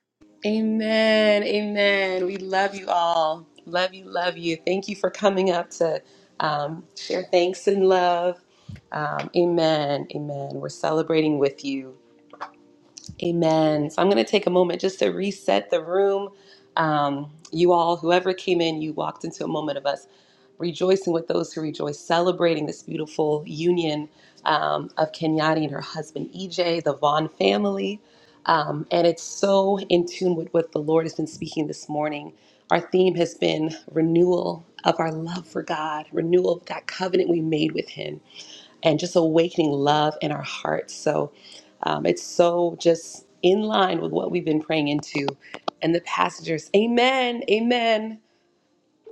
Speaker 1: Amen. Amen. We love you all. Love you. Love you. Thank you for coming up to um, share thanks and love. Um, amen. Amen. We're celebrating with you. Amen. So I'm going to take a moment just to reset the room. Um, you all, whoever came in, you walked into a moment of us rejoicing with those who rejoice, celebrating this beautiful union um, of Kenyani and her husband EJ, the Vaughn family. Um, and it's so in tune with what the Lord has been speaking this morning. Our theme has been renewal of our love for God, renewal of that covenant we made with Him and just awakening love in our hearts. So um, it's so just in line with what we've been praying into and the passengers. Amen. Amen.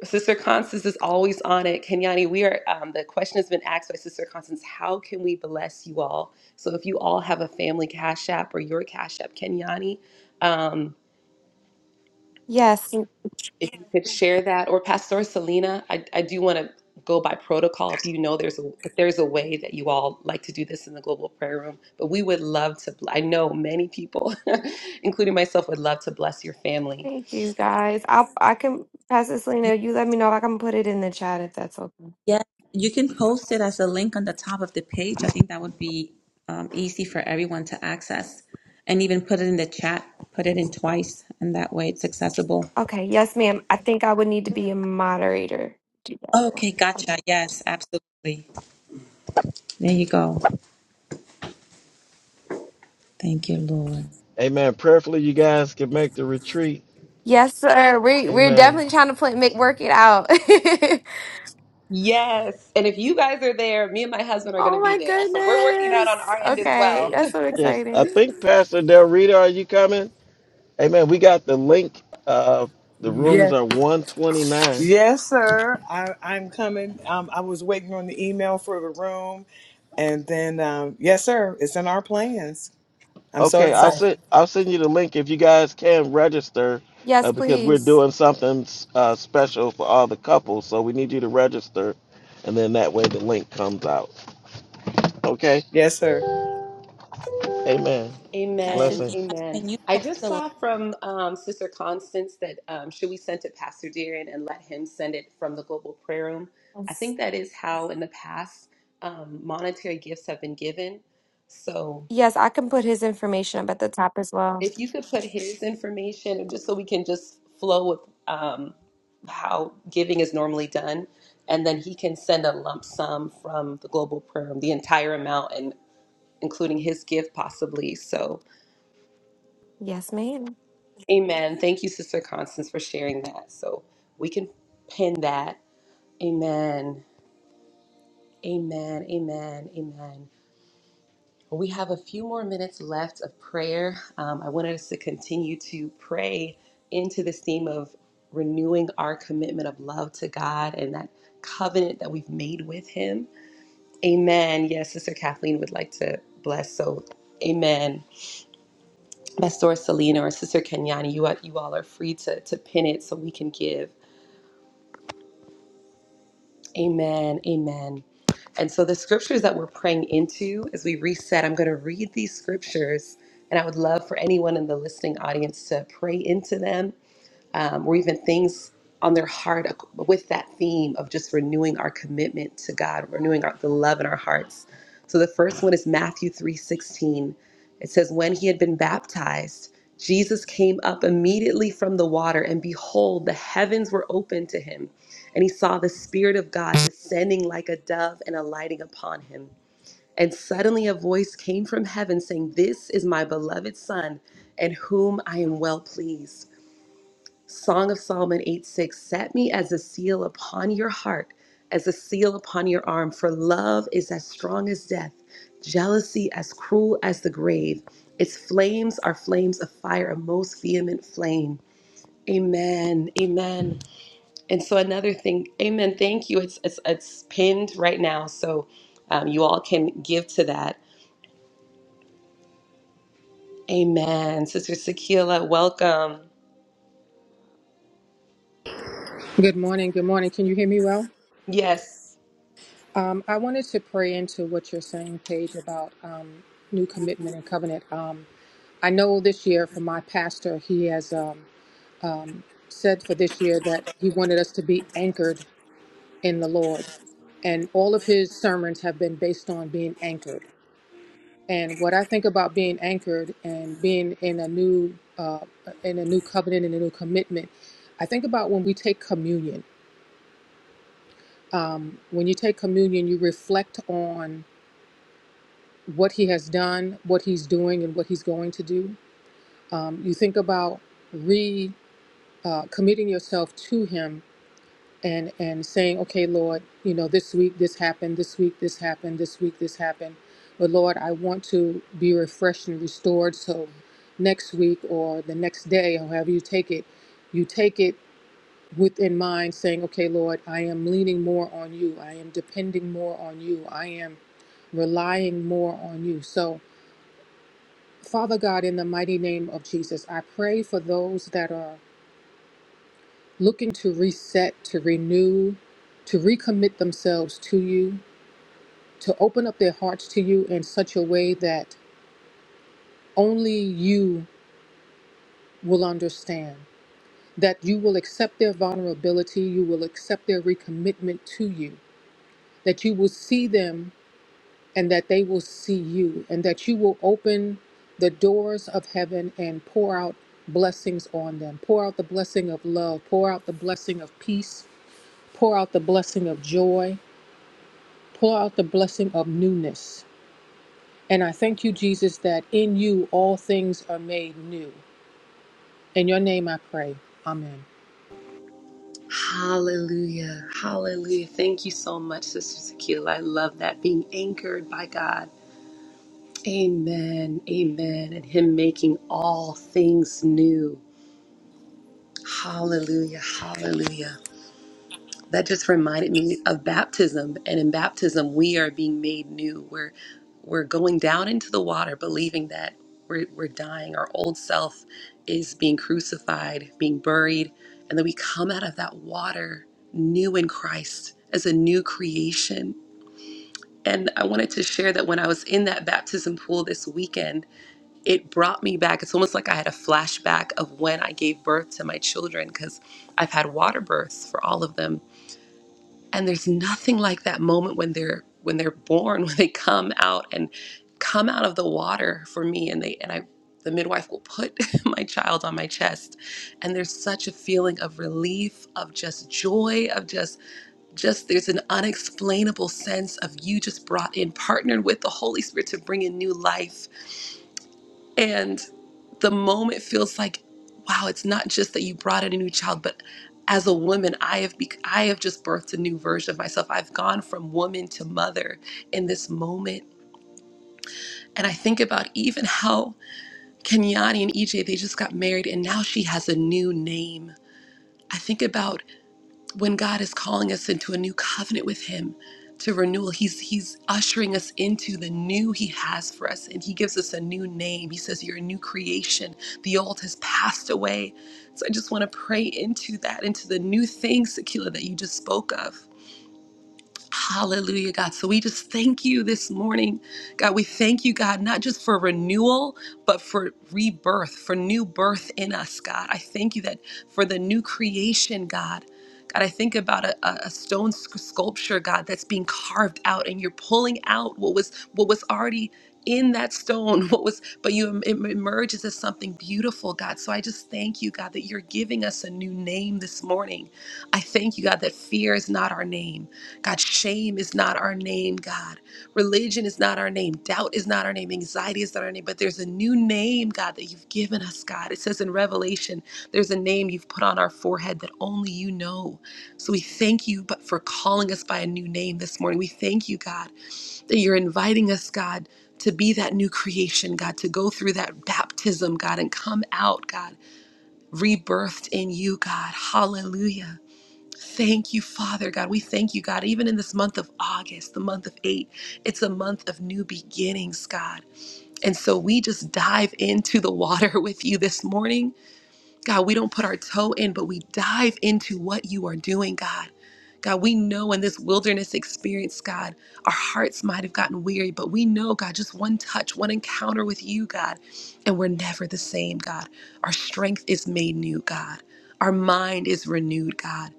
Speaker 1: Sister Constance is always on it. Kenyani, we are, um, the question has been asked by Sister Constance how can we bless you all? So if you all have a family Cash App or your Cash App, Kenyani, um,
Speaker 7: Yes,
Speaker 1: if you could share that or pastor selena i, I do want to go by protocol if you know there's a if there's a way that you all like to do this in the global prayer room but we would love to i know many people including myself would love to bless your family
Speaker 7: thank you guys. I I can Pastor Selena, you let me know. I can put it in the chat if that's okay.
Speaker 3: Yeah, you can post it as a link on the top of the page. I think that would be um, easy for everyone to access and even put it in the chat, put it in twice, and that way it's accessible.
Speaker 7: Okay, yes, ma'am. I think I would need to be a moderator. Do that.
Speaker 3: Okay, gotcha.
Speaker 7: Okay.
Speaker 3: Yes, absolutely. There you go. Thank you, Lord.
Speaker 2: Amen. Prayerfully you guys can make the retreat.
Speaker 7: Yes, sir. We we're
Speaker 2: Amen.
Speaker 7: definitely trying to play, make work it out.
Speaker 1: yes and if you guys are there me and my husband are going
Speaker 7: Oh
Speaker 1: to be
Speaker 7: my
Speaker 1: there so we're working out on
Speaker 7: goodness.
Speaker 1: our end as
Speaker 7: Okay,
Speaker 1: well
Speaker 7: that's so
Speaker 2: Yes. I
Speaker 7: exciting.
Speaker 2: think Pastor Del Rita, are you coming? Amen. We got the link. Uh the
Speaker 6: Yes.
Speaker 2: rooms are 129.
Speaker 6: Yes, sir. I, I'm coming. Um, I was waiting on the email for the room, and then um, yes, sir. It's in our plans. I'm so
Speaker 2: Okay, I'll
Speaker 6: excited.
Speaker 2: send I'll send you the link if you guys can register,
Speaker 7: Yes,
Speaker 2: uh, because we're
Speaker 7: please.
Speaker 2: doing something uh, special for all the couples. So we need you to register, and then that way the link comes out. Okay.
Speaker 6: Yes, sir.
Speaker 2: Amen.
Speaker 3: Pastor
Speaker 1: Amen.
Speaker 2: Blessings.
Speaker 3: Dion,
Speaker 1: Amen.
Speaker 3: can you
Speaker 1: I
Speaker 3: post
Speaker 1: just
Speaker 3: the link?
Speaker 1: saw from um, Sister Constance that um, should we send to Pastor Darren and let him send it from the global prayer room? I
Speaker 7: Yes,
Speaker 1: think that is how in the past um, monetary gifts have been given. So
Speaker 7: Yes, I can put his information up at the top as well.
Speaker 1: if you could put his information, just so we can just flow with um, how giving is normally done, and then he can send a lump sum from the global prayer room, the entire amount, and including his gift possibly. So.
Speaker 7: Yes, ma'am.
Speaker 1: Amen. Thank you, Sister Constance, for sharing that. So we can pin that. Amen. Amen. Amen. Amen. Well, we have a few more minutes left of prayer. Um, I wanted us to continue to pray into this theme of renewing our commitment of love to God and that covenant that we've made with Him. Amen. Yes, Sister Kathleen would like to bless. So, Amen. Pastor Selena or Sister Kenyani, you, you all are free to, to pin it so we can give. Amen. Amen. And so the scriptures that we're praying into as we reset, I'm going to read these scriptures. And I would love for anyone in the listening audience to pray into them um, or even things on their heart ac- with that theme of just renewing our commitment to God, renewing our, the love in our hearts. So the first one is Matthew 3:16. It says, "When he had been baptized, Jesus came up immediately from the water, and behold, the heavens were opened to him, and he saw the Spirit of God descending like a dove and alighting upon him. And suddenly a voice came from heaven saying, 'This is my beloved Son, in whom I am well pleased. Song of Solomon 8 6 Set me as a seal upon your heart, as a seal upon your arm, for love is as strong as death, jealousy as cruel as the grave. Its flames are flames of fire, a most vehement flame. Amen. Amen. And so another thing, amen. Thank you. It's it's, it's pinned right now, so um, you all can give to that. Amen. Sister Sakila, welcome.
Speaker 8: Good morning. Good morning. Can you hear me well?
Speaker 1: Yes.
Speaker 8: Um, I wanted to pray into what you're saying, Paige, about um, new commitment and covenant. Um, I know this year from my pastor, he has um, um, said for this year that he wanted us to be anchored in the Lord. And all of his sermons have been based on being anchored. And what I think about being anchored and being in a new uh, in a new covenant and a new commitment, I think about when we take communion um, when you take communion, you reflect on what he has done, what he's doing, and what he's going to do. Um, you think about re uh, committing yourself to him and and saying, okay, Lord, you know, this week this happened, this week this happened, this week this happened, but Lord, I want to be refreshed and restored. So next week or the next day, however you take it, you take it within mind saying, okay, Lord, I am leaning more on you. I am depending more on you. I am relying more on you. So, Father God, in the mighty name of Jesus, I pray for those that are looking to reset, to renew, to recommit themselves to you, to open up their hearts to you in such a way that only you will understand, that you will accept their vulnerability, you will accept their recommitment to you, that you will see them and that they will see you, and that you will open the doors of heaven and pour out blessings on them. Pour out the blessing of love, pour out the blessing of peace, pour out the blessing of joy, pour out the blessing of newness. And I thank you, Jesus, that in you all things are made new. In your name I pray. Amen.
Speaker 1: Hallelujah. Hallelujah. Thank you so much, Sister Tequila. I love that being anchored by God. Amen. Amen. And Him making all things new. Hallelujah. Hallelujah. that just reminded me of baptism and in baptism we are being made new we're we're going down into the water believing that we're, we're dying our old self is being crucified being buried and then we come out of that water new in christ as a new creation and i wanted to share that when i was in that baptism pool this weekend it brought me back it's almost like i had a flashback of when i gave birth to my children because i've had water births for all of them and there's nothing like that moment when they're when they're born when they come out and come out of the water for me and they and i the midwife will put my child on my chest and there's such a feeling of relief of just joy of just just there's an unexplainable sense of you just brought in partnered with the holy spirit to bring in new life and the moment feels like, wow, it's not just that you brought in a new child, but as a woman, I have bec I have just birthed a new version of myself. I've gone from woman to mother in this moment. And I think about even how Kenyani and EJ, they just got married and now she has a new name. I think about when God is calling us into a new covenant with Him to renewal, He's He's ushering us into the new He has for us, and He gives us a new name. He says, You're a new creation. The old has passed away. So I just want to pray into that, into the new thing, Sakila, that you just spoke of. Hallelujah, God. So we just thank you this morning. God, we thank you, God, not just for renewal, but for rebirth, for new birth in us, God. I thank you that for the new creation, God. God, I think about a, a a stone sc- sculpture, God, that's being carved out, and you're pulling out what was what was already in that stone, what was, but you em- em- emerges as something beautiful, God. So I just thank you, God, that you're giving us a new name this morning. I thank you, God, that fear is not our name. God, shame is not our name, God. Religion is not our name. Doubt is not our name. Anxiety is not our name. But there's a new name, God, that you've given us, God. It says in Revelation, there's a name you've put on our forehead that only you know. So we thank you but for calling us by a new name this morning. We thank you, God, that you're inviting us, God, to be that new creation, God, to go through that baptism, God, and come out, God, rebirthed in you, God. Hallelujah. Thank you, Father God. We thank you, God. Even in this month of August, the month of eight, it's a month of new beginnings, God. And so we just dive into the water with you this morning. God, we don't put our toe in, but we dive into what you are doing, God. God, we know in this wilderness experience, God, our hearts might have gotten weary, but we know, God, just one touch, one encounter with you, God, and we're never the same, God. Our strength is made new, God. Our mind is renewed, God.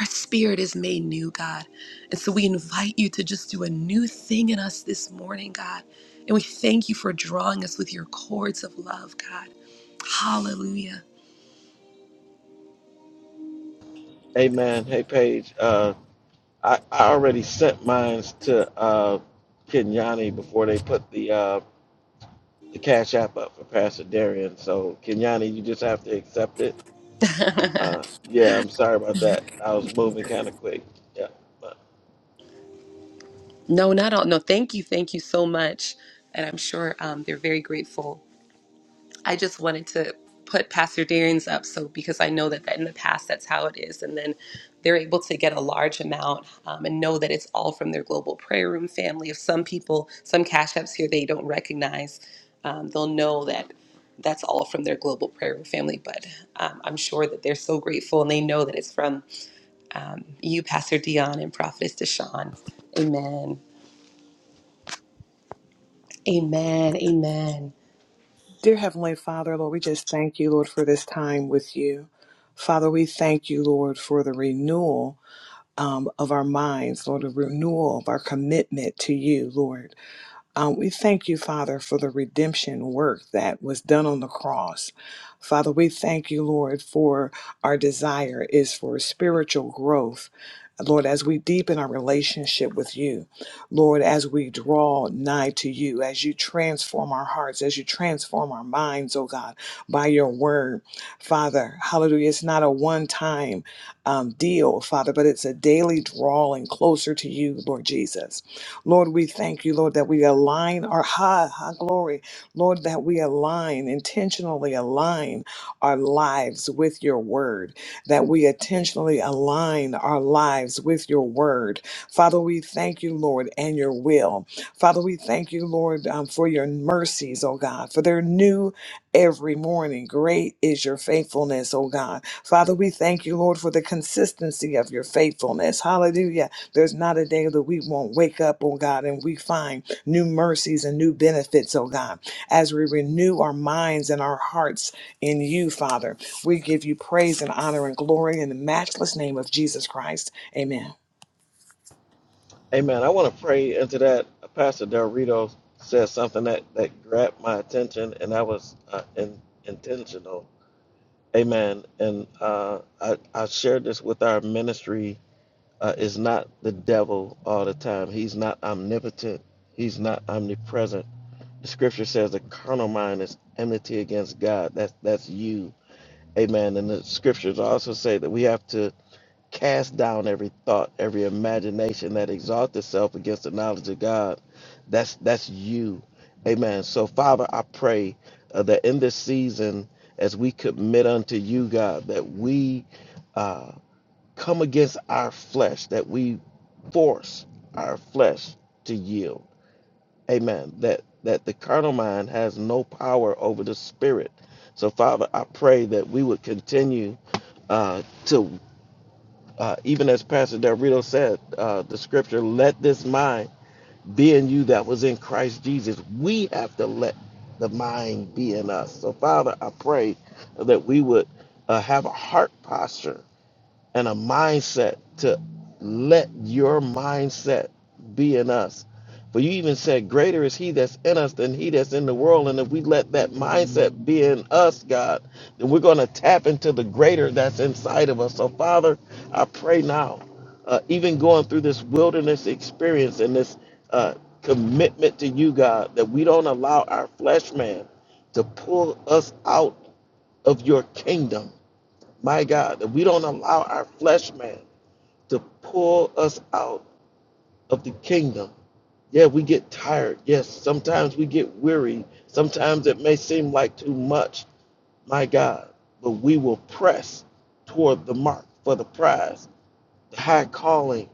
Speaker 1: Our spirit is made new, God. And so we invite you to just do a new thing in us this morning, God. And we thank you for drawing us with your cords of love, God. Hallelujah.
Speaker 2: Amen. Hey Paige, uh, I I already sent mines to uh, Kenyani before they put the uh, the cash app up for Pastor Darian. So Kenyani, you just have to accept it. Uh, yeah, I'm sorry about that. I was moving kind of quick. Yeah.
Speaker 1: no, not all. No, thank you. Thank you so much. And I'm sure um, they're very grateful I just wanted to put Pastor Darian's up so because I know that, that in the past that's how it is, and then they're able to get a large amount um, and know that it's all from their global prayer room family. If some people, some cash apps here they don't recognize, um, they'll know that that's all from their global prayer room family. But um, I'm sure that they're so grateful and they know that it's from um, you, Pastor Dion, and Prophetess Deshawn. Amen. Amen. Amen.
Speaker 6: Dear Heavenly Father, Lord, we just thank you, Lord, for this time with you. Father, we thank you, Lord, for the renewal um, of our minds, Lord, the renewal of our commitment to you, Lord. Um, we thank you, Father, for the redemption work that was done on the cross. Father, we thank you, Lord, for our desire is for spiritual growth. Lord, as we deepen our relationship with you, Lord, as we draw nigh to you, as you transform our hearts, as you transform our minds, oh God, by your word, Father, hallelujah. It's not a one time um, deal, Father, but it's a daily drawing closer to you, Lord Jesus. Lord, we thank you, Lord, that we align our high, high glory. Lord, that we align, intentionally align our lives with your word, that we intentionally align our lives with your word. Father, we thank you, Lord, and your will. Father, we thank you, Lord, um, for your mercies, oh God, for they're new every morning. Great is your faithfulness, oh God. Father, we thank you, Lord, for the consistency of your faithfulness. Hallelujah. There's not a day that we won't wake up, oh God, and we find new mercies and new benefits, oh God, as we renew our minds and our hearts in you, Father. We give you praise and honor and glory in the matchless name of Jesus Christ. Amen.
Speaker 2: Amen. I want to pray into that. Pastor Del Rito said something that, that grabbed my attention, and that was uh, in, intentional. Amen. And uh, I, I shared this with our ministry. Uh, it's not the devil all the time. He's not omnipotent. He's not omnipresent. The scripture says the carnal mind is enmity against God. That's that's you. Amen. And the scriptures also say that we have to Cast down every thought, every imagination that exalts itself against the knowledge of God. That's that's you. Amen. So Father, I pray uh, that in this season, as we commit unto you, God, that we uh, come against our flesh, that we force our flesh to yield. Amen. That that the carnal mind has no power over the spirit. So Father, I pray that we would continue uh, to uh, even as Pastor Del Rito said, uh, the scripture, let this mind be in you that was in Christ Jesus. We have to let the mind be in us. So, Father, I pray that we would uh, have a heart posture and a mindset to let your mindset be in us. For you even said, Greater is he that's in us than he that's in the world. And if we let that mindset be in us, God, then we're going to tap into the greater that's inside of us. So, Father, I pray now, uh, even going through this wilderness experience and this uh, commitment to you, God, that we don't allow our flesh man to pull us out of your kingdom my God, that we don't allow our flesh man to pull us out of the kingdom. Yeah, we get tired. Yes, sometimes we get weary. Sometimes it may seem like too much. My God, but we will press toward the mark for the prize, the high calling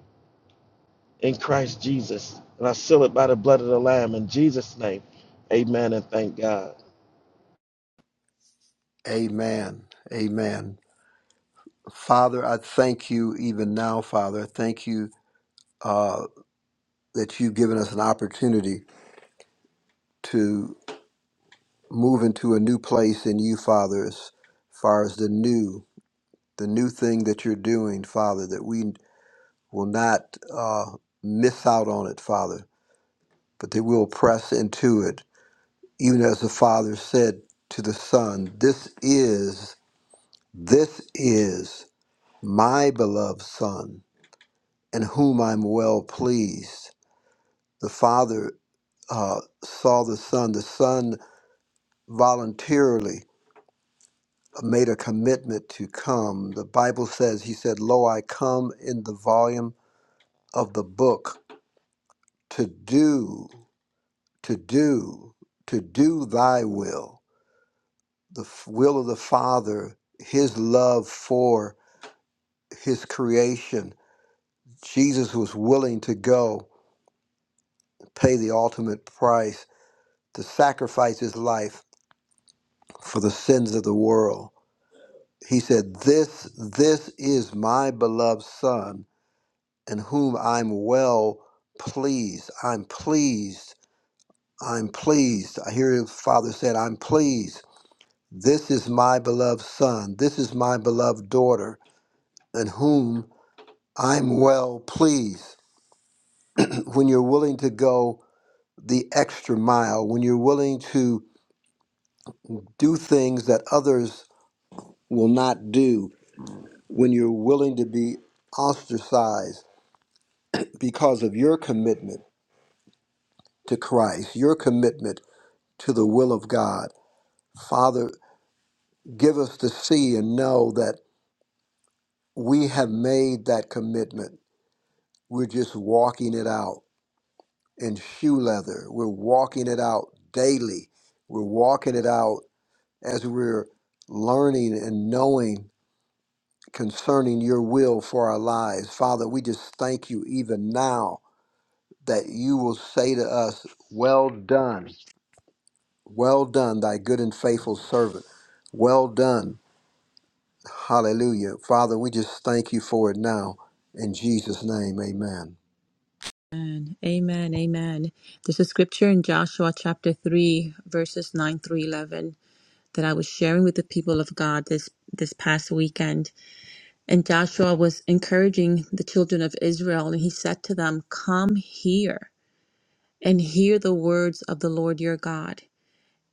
Speaker 2: in Christ Jesus. And I seal it by the blood of the Lamb in Jesus' name. Amen and thank God.
Speaker 5: amen amen father i thank you even now father thank you uh, that you've given us an opportunity to move into a new place in you, Father, as far as the new, the new thing that you're doing, Father, that we will not uh, miss out on it, Father, but that we'll press into it. Even as the Father said to the Son, This is, this is my beloved Son, in whom I'm well pleased. The Father uh, saw the Son, the Son voluntarily made a commitment to come. The Bible says, He said, Lo, I come in the volume of the book to do, to do, to do thy will, the f- will of the Father, His love for His creation. Jesus was willing to go pay the ultimate price to sacrifice His life for the sins of the world. He said, This, this is my beloved Son in whom I'm well pleased. I'm pleased. I'm pleased. I hear the Father said, I'm pleased. This is my beloved son. This is my beloved daughter, in whom I'm well pleased. When you're willing to go the extra mile, when you're willing to do things that others will not do, when you're willing to be ostracized because of your commitment to Christ, your commitment to the will of God Father, give us to see and know that we have made that commitment. We're just walking it out in shoe leather. We're walking it out daily. We're walking it out as we're learning and knowing concerning your will for our lives. Father, we just thank you even now that you will say to us, Well done, well done, thy good and faithful servant. Well done Hallelujah. Father, we just thank you for it now. In Jesus' name, amen.
Speaker 3: Amen. Amen. Amen. There's a scripture in Joshua chapter 3, verses 9 through 11, that I was sharing with the people of God this, this past weekend. And Joshua was encouraging the children of Israel, and he said to them, Come here and hear the words of the Lord your God.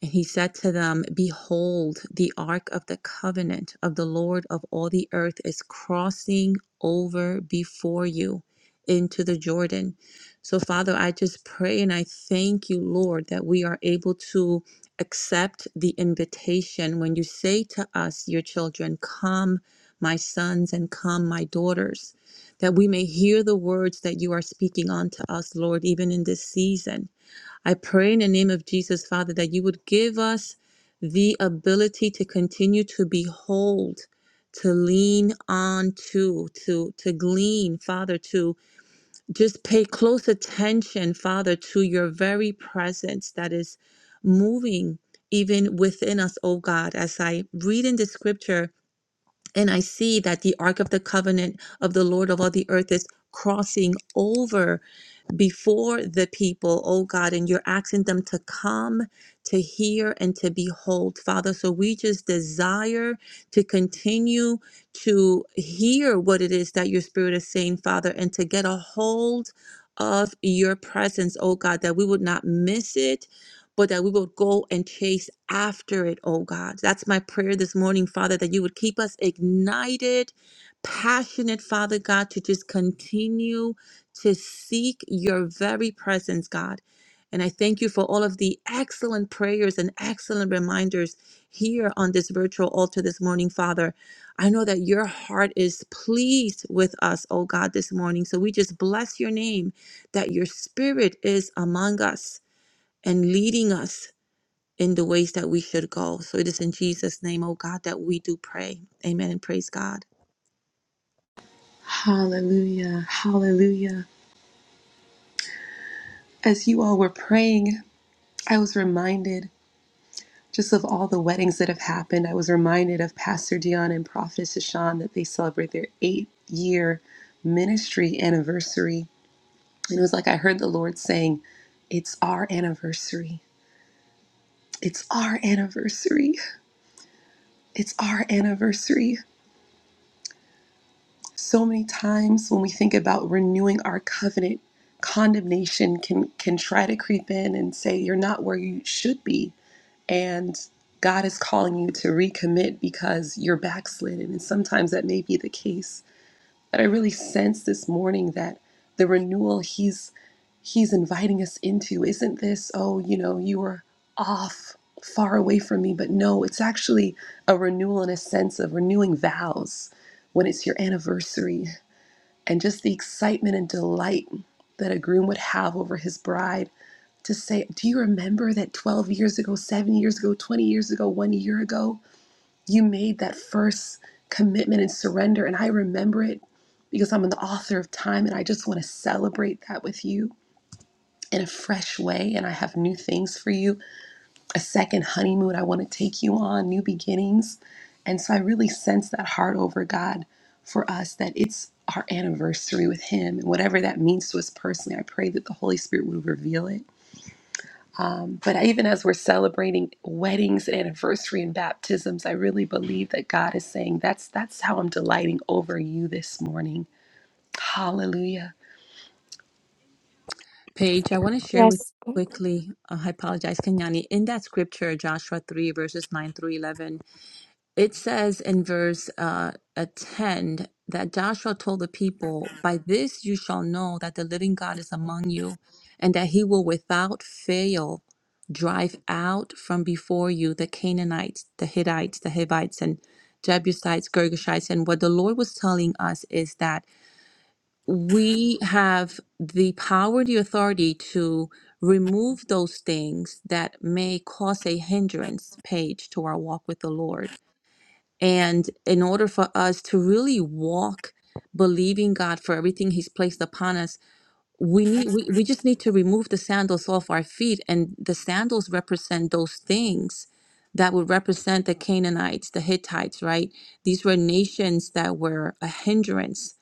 Speaker 3: And he said to them, Behold, the ark of the covenant of the Lord of all the earth is crossing over before you into the Jordan. So, Father, I just pray and I thank you, Lord, that we are able to accept the invitation when you say to us, your children, Come, my sons, and come, my daughters, that we may hear the words that you are speaking unto us, Lord, even in this season I pray in the name of Jesus, Father, that you would give us the ability to continue to behold, to lean on to, to, to glean, Father, to just pay close attention, Father, to your very presence that is moving even within us, oh God. As I read in the scripture and I see that the Ark of the Covenant of the Lord of all the earth is crossing over before the people, oh God, and you're asking them to come to hear and to behold, Father. So we just desire to continue to hear what it is that your spirit is saying, Father, and to get a hold of your presence, oh God, that we would not miss it. But that we would go and chase after it, oh God. That's my prayer this morning, Father, that you would keep us ignited, passionate, Father God, to just continue to seek your very presence, God. And I thank you for all of the excellent prayers and excellent reminders here on this virtual altar this morning, Father. I know that your heart is pleased with us, oh God, this morning. So we just bless your name that your spirit is among us and leading us in the ways that we should go. So it is in Jesus' name, oh God, that we do pray. Amen and praise God.
Speaker 1: Hallelujah. Hallelujah. As you all were praying. I was reminded just of all the weddings that have happened. I was reminded of Pastor Dion and Prophet Sashan that they celebrate their eighth year ministry anniversary. And it was like I heard the Lord saying, It's our anniversary. It's our anniversary. It's our anniversary. So many times when we think about renewing our covenant, condemnation can, can try to creep in and say, You're not where you should be and God is calling you to recommit because you're backslidden. And sometimes that may be the case. But I really sense this morning that the renewal He's He's inviting us into isn't this, oh, you know, you were off far away from me, but no, it's actually a renewal in a sense of renewing vows when it's your anniversary and just the excitement and delight that a groom would have over his bride to say, Do you remember that 12 years ago, seven years ago, 20 years ago, one year ago, you made that first commitment and surrender? And I remember it because I'm the author of time and I just want to celebrate that with you in a fresh way. And I have new things for you a second honeymoon I want to take you on, new beginnings. And so I really sense that heart over God for us that it's our anniversary with Him. And whatever that means to us personally, I pray that the Holy Spirit would reveal it um, but I- even as we're celebrating weddings and anniversary and baptisms, I really believe that God is saying that's that's how I'm delighting over you this morning. Hallelujah.
Speaker 3: Paige, I want to share with
Speaker 7: Yes.
Speaker 3: quickly. Uh, I apologize, Kenyani. In that scripture, Joshua 3, verses 9 through 11, it says in verse uh, uh, 10 that Joshua told the people, By this you shall know that the living God is among you, and that he will without fail drive out from before you the Canaanites, the Hittites, the Hivites, and Jebusites, Girgashites. And what the Lord was telling us is that we have the power, the authority to remove those things that may cause a hindrance, Paige, to our walk with the Lord. And in order for us to really walk believing God for everything He's placed upon us, we need we, we just need to remove the sandals off our feet. And the sandals represent those things that would represent the Canaanites, the Hittites, right? These were nations that were a hindrance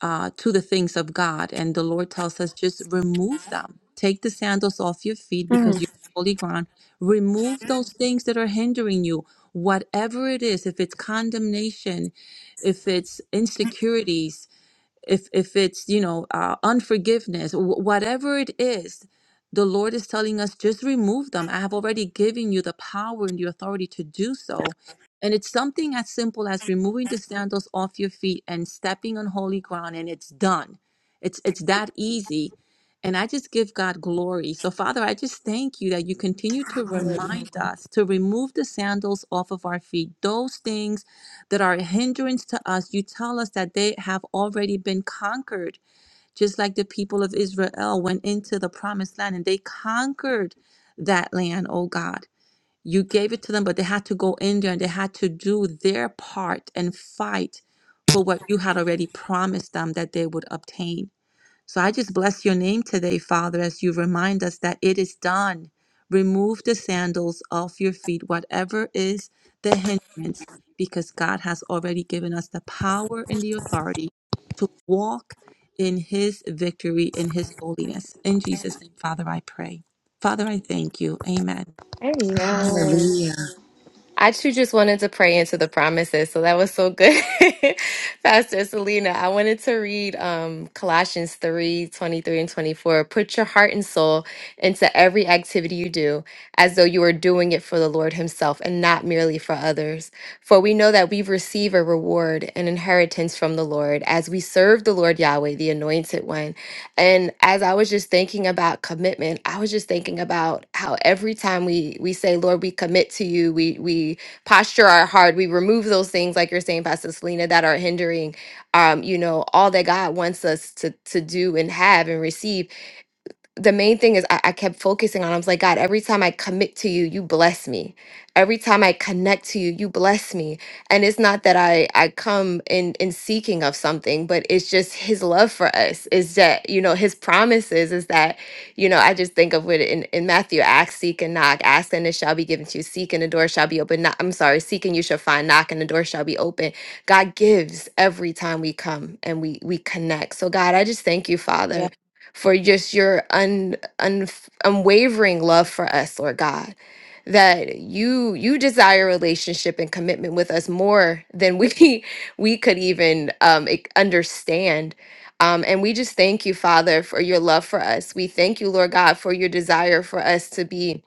Speaker 3: uh, to the things of God. And the Lord tells us just remove them. Take the sandals off your feet because you're on holy ground. Remove those things that are hindering you, whatever it is, if it's condemnation, if it's insecurities if if it's you know uh, unforgiveness wh- whatever it is the lord is telling us just remove them i have already given you the power and the authority to do so and it's something as simple as removing the sandals off your feet and stepping on holy ground and it's done it's it's that easy and i just give god glory so father i just thank you that you continue to remind us to remove the sandals off of our feet those things that are a hindrance to us, you tell us that they have already been conquered, just like the people of Israel went into the promised land and they conquered that land, oh God. You gave it to them, but they had to go in there and they had to do their part and fight for what you had already promised them that they would obtain. So I just bless your name today, Father, as you remind us that it is done. Remove the sandals off your feet, whatever is the hindrance, because God has already given us the power and the authority to walk in his victory, in his holiness. In Jesus' name, Father, I pray. Father, I thank you. Amen.
Speaker 7: Amen.
Speaker 1: Hallelujah.
Speaker 7: I too just wanted to pray into the promises. So that was so good. Pastor Selena, I wanted to read um, Colossians 3 23 and 24. Put your heart and soul into every activity you do, as though you are doing it for the Lord Himself and not merely for others. For we know that we receive a reward, an inheritance from the Lord, as we serve the Lord Yahweh, the Anointed One. And as I was just thinking about commitment, I was just thinking about how every time we we say, Lord, we commit to you, we we posture our heart, we remove those things, like you're saying, Pastor Selena, that are hindering um, you know, all that God wants us to to do and have and receive the main thing is I, I kept focusing on, I was like, God, every time I commit to you, you bless me. Every time I connect to you, you bless me. And it's not that I, I come in, in seeking of something, but it's just his love for us is that, you know, his promises is that, you know, I just think of what in, in Matthew, ask, seek and knock, ask and it shall be given to you, seek and the door shall be open. Knock, I'm sorry, seek and you shall find, knock and the door shall be open. God gives every time we come and we, we connect. So God, I just thank you, Father
Speaker 3: Yeah.
Speaker 7: for just your un, un, unwavering love for us, Lord God. That you you desire relationship and commitment with us more than we we could even um, e- understand. Um, and we just thank you, Father, for your love for us. We thank you, Lord God, for your desire for us to be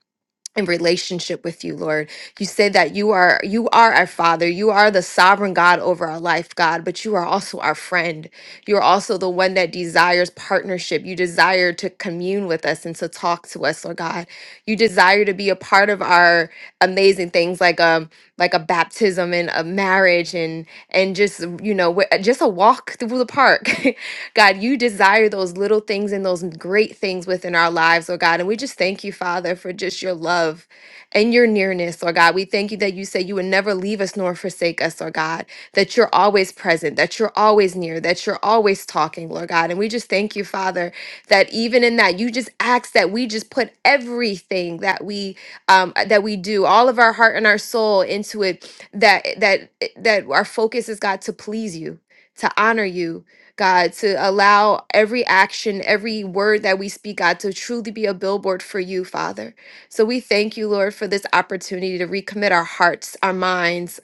Speaker 7: in relationship with you lord you say that you are you are our father you are the sovereign god over our life god but you are also our friend you're also the one that desires partnership you desire to commune with us and to talk to us lord god you desire to be a part of our amazing things like um like a baptism and a marriage and and just you know wh- just a walk through the park God, you desire those little things and those great things within our lives, oh God. And we just thank you, Father, for just your love and your nearness, oh God. We thank you that you say you would never leave us nor forsake us, oh God, that you're always present, that you're always near, that you're always talking, Lord God. And we just thank you, Father, that even in that, you just ask that we just put everything that we um that we do, all of our heart and our soul into it, that that that our focus is God to please you, to honor you God, to allow every action, every word that we speak, God, to truly be a billboard for you, Father. So we thank you, Lord, for this opportunity to recommit our hearts, our minds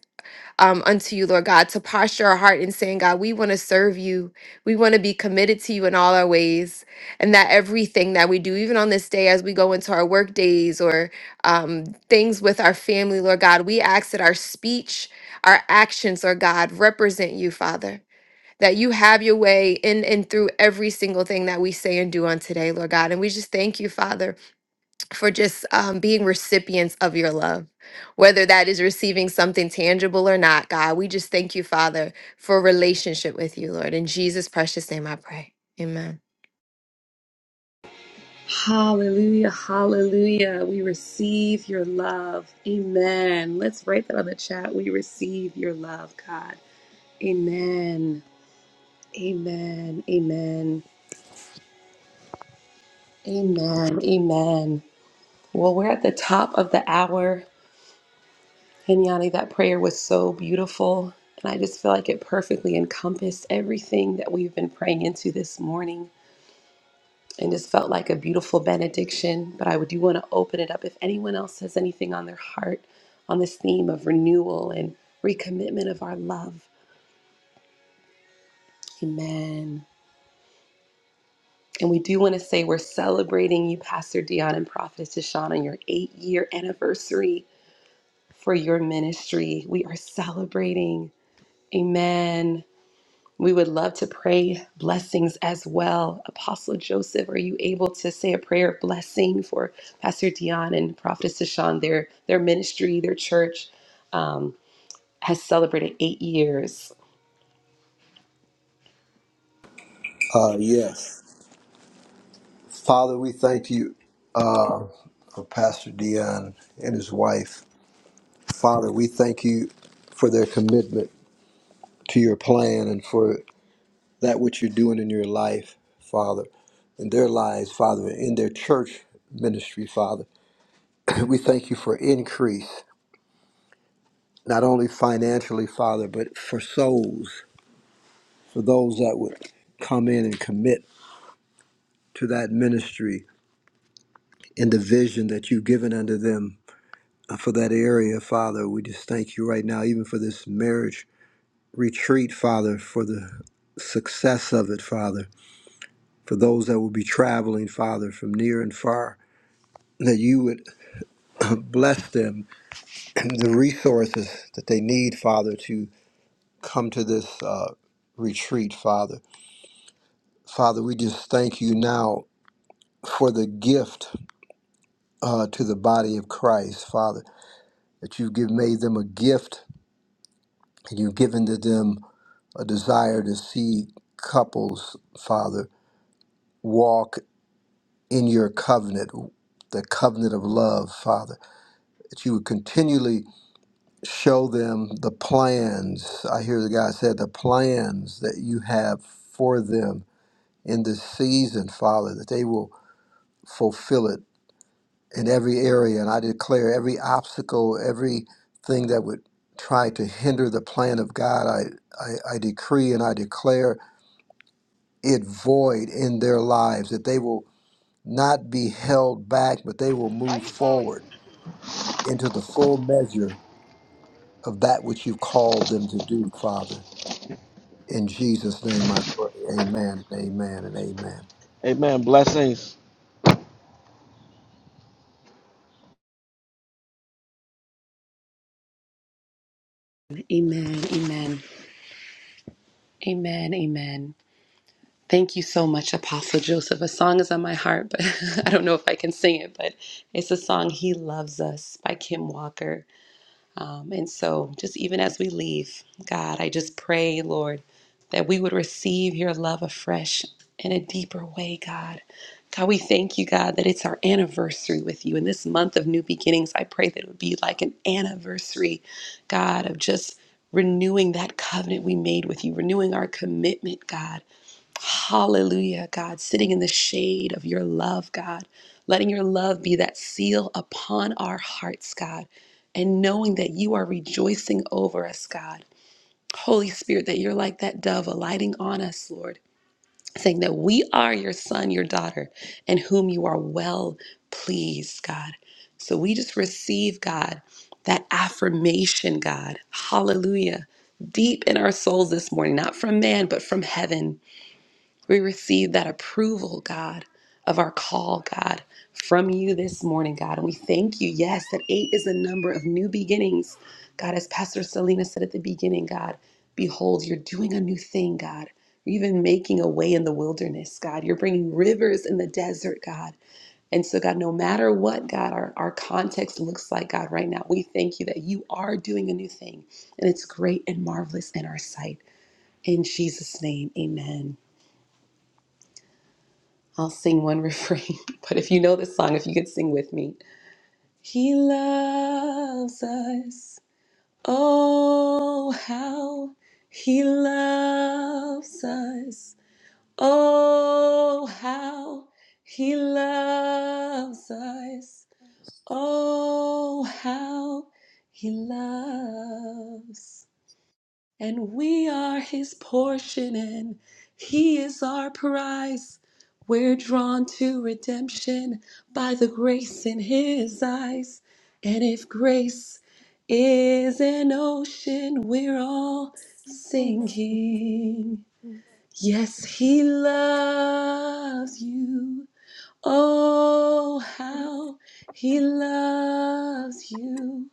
Speaker 7: um, unto you, Lord God, to posture our heart in saying, God, we want to serve you. We want to be committed to you in all our ways. And that everything that we do, even on this day as we go into our work days or um, things with our family, Lord God, we ask that our speech, our actions, Lord God, represent you, Father that you have your way in and through every single thing that we say and do on today, Lord God. And we just thank you, Father, for just um, being recipients of your love, whether that is receiving something tangible or not, God. We just thank you, Father, for relationship with you, Lord. In Jesus' precious name, I pray. Amen.
Speaker 1: Hallelujah. Hallelujah. We receive your love. Amen. Let's write that on the chat. We receive your love, God. Amen. Amen. Amen. Amen. Amen. Well, we're at the top of the hour. And Yanni, that prayer was so beautiful. And I just feel like it perfectly encompassed everything that we've been praying into this morning. And just felt like a beautiful benediction. But I do want to open it up if anyone else has anything on their heart on this theme of renewal and recommitment of our love. Amen. And we do want to say we're celebrating you, Pastor Dion and Prophetess Deshaun, on your eight year anniversary for your ministry. We are celebrating. Amen. We would love to pray blessings as well. Apostle Joseph, are you able to say a prayer of blessing for Pastor Dion and Prophetess Tashawn? Their their ministry, their church um, has celebrated eight years.
Speaker 5: Uh, yes. Father, we thank you uh, for Pastor Dion and his wife. Father, we thank you for their commitment to your plan and for that which you're doing in your life, Father, in their lives, Father, in their church ministry, Father. We thank you for increase, not only financially, Father, but for souls, for those that would come in and commit to that ministry and the vision that you've given unto them uh, for that area, Father. We just thank you right now, even for this marriage retreat, Father, for the success of it, Father, for those that will be traveling, Father, from near and far, that you would bless them and the resources that they need, Father, to come to this uh, retreat, Father. Father, we just thank you now for the gift uh, to the body of Christ, Father, that you've give, made them a gift You've given to them a desire to see couples, Father, walk in your covenant, the covenant of love, Father, that you would continually show them the plans. I hear the guy said the plans that you have for them in this season, Father, that they will fulfill it in every area. And I declare every obstacle, every thing that would try to hinder the plan of God, I, I, I decree and I declare it void in their lives, that they will not be held back, but they will move forward into the full measure of that which you've called them to do, Father. In Jesus' name I pray. Amen, amen, and amen.
Speaker 2: Amen. Blessings.
Speaker 1: Amen. Amen. Amen. Amen. Thank you so much, Apostle Joseph. A song is on my heart, but I don't know if I can sing it. But it's a song "He Loves Us" by Kim Walker. Um, and so, just even as we leave, God, I just pray, Lord, that we would receive your love afresh in a deeper way, God. God, we thank you, God, that it's our anniversary with you. In this month of new beginnings, I pray that it would be like an anniversary, God, of just renewing that covenant we made with you, renewing our commitment, God. Hallelujah, God, sitting in the shade of your love, God, letting your love be that seal upon our hearts, God, and knowing that you are rejoicing over us, God. Holy Spirit, that you're like that dove alighting on us, Lord, saying that we are your son, your daughter, and whom you are well pleased, God. So we just receive, God, that affirmation, God. Hallelujah. Deep in our souls this morning, not from man, but from heaven we receive that approval, God, of our call, God, from you this morning, God. And we thank you, yes, that eight is a number of new beginnings. God, as Pastor Selena said at the beginning, God, behold, you're doing a new thing, God. You're even making a way in the wilderness, God. You're bringing rivers in the desert, God. And so, God, no matter what, God, our, our context looks like, God, right now, we thank you that you are doing a new thing and it's great and marvelous in our sight. In Jesus' name, amen. I'll sing one refrain, but if you know this song, if you could sing with me. He loves us. Oh, how he loves us. Oh, how he loves us. Oh, how he loves and we are his portion, and he is our prize. We're drawn to redemption by the grace in his eyes. And if grace is an ocean, we're all sinking. Yes, he loves you. Oh, how he loves you.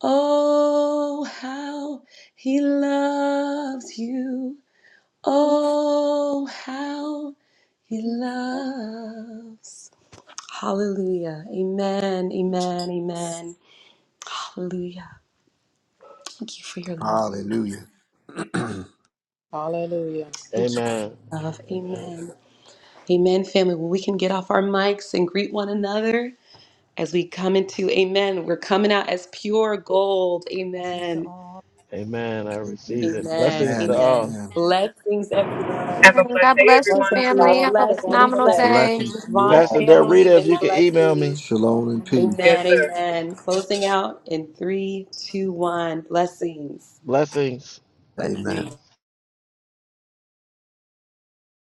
Speaker 1: Oh, how he loves you. Oh, how he loves. Hallelujah. Amen. Amen. Amen. Hallelujah. Thank you for your love.
Speaker 5: Hallelujah.
Speaker 8: Hallelujah.
Speaker 1: Thank you for
Speaker 2: Amen.
Speaker 1: your love.
Speaker 2: Amen.
Speaker 1: Amen. Amen, family. Well, we can get off our mics and greet one another as we come into Amen. We're coming out as pure gold.
Speaker 3: Blessings to
Speaker 1: Amen.
Speaker 3: all.
Speaker 2: Amen. I receive
Speaker 5: Amen,
Speaker 2: it.
Speaker 1: Amen.
Speaker 2: Blessings to
Speaker 5: amen,
Speaker 3: as
Speaker 1: Amen.
Speaker 2: all.
Speaker 5: amen.
Speaker 3: they-
Speaker 1: Blessings, everyone.
Speaker 7: Amen. God bless you,
Speaker 8: Blessings to you
Speaker 1: God
Speaker 7: family.
Speaker 8: all.
Speaker 7: Have a
Speaker 8: Have a
Speaker 1: bless. Many
Speaker 8: wonderful
Speaker 7: phenomenal
Speaker 8: day.
Speaker 7: day.
Speaker 5: Blessings
Speaker 1: blessings.
Speaker 5: to you
Speaker 1: Vaughn
Speaker 2: Pastor
Speaker 5: all.
Speaker 2: Del
Speaker 1: family,
Speaker 2: Rita, if
Speaker 1: many
Speaker 2: you can email
Speaker 1: blessings.
Speaker 2: me,
Speaker 5: Shalom and peace.
Speaker 1: Amen. Amen. Closing out in three, two, one. Blessings.
Speaker 2: blessings.
Speaker 5: Amen.
Speaker 1: Blessings.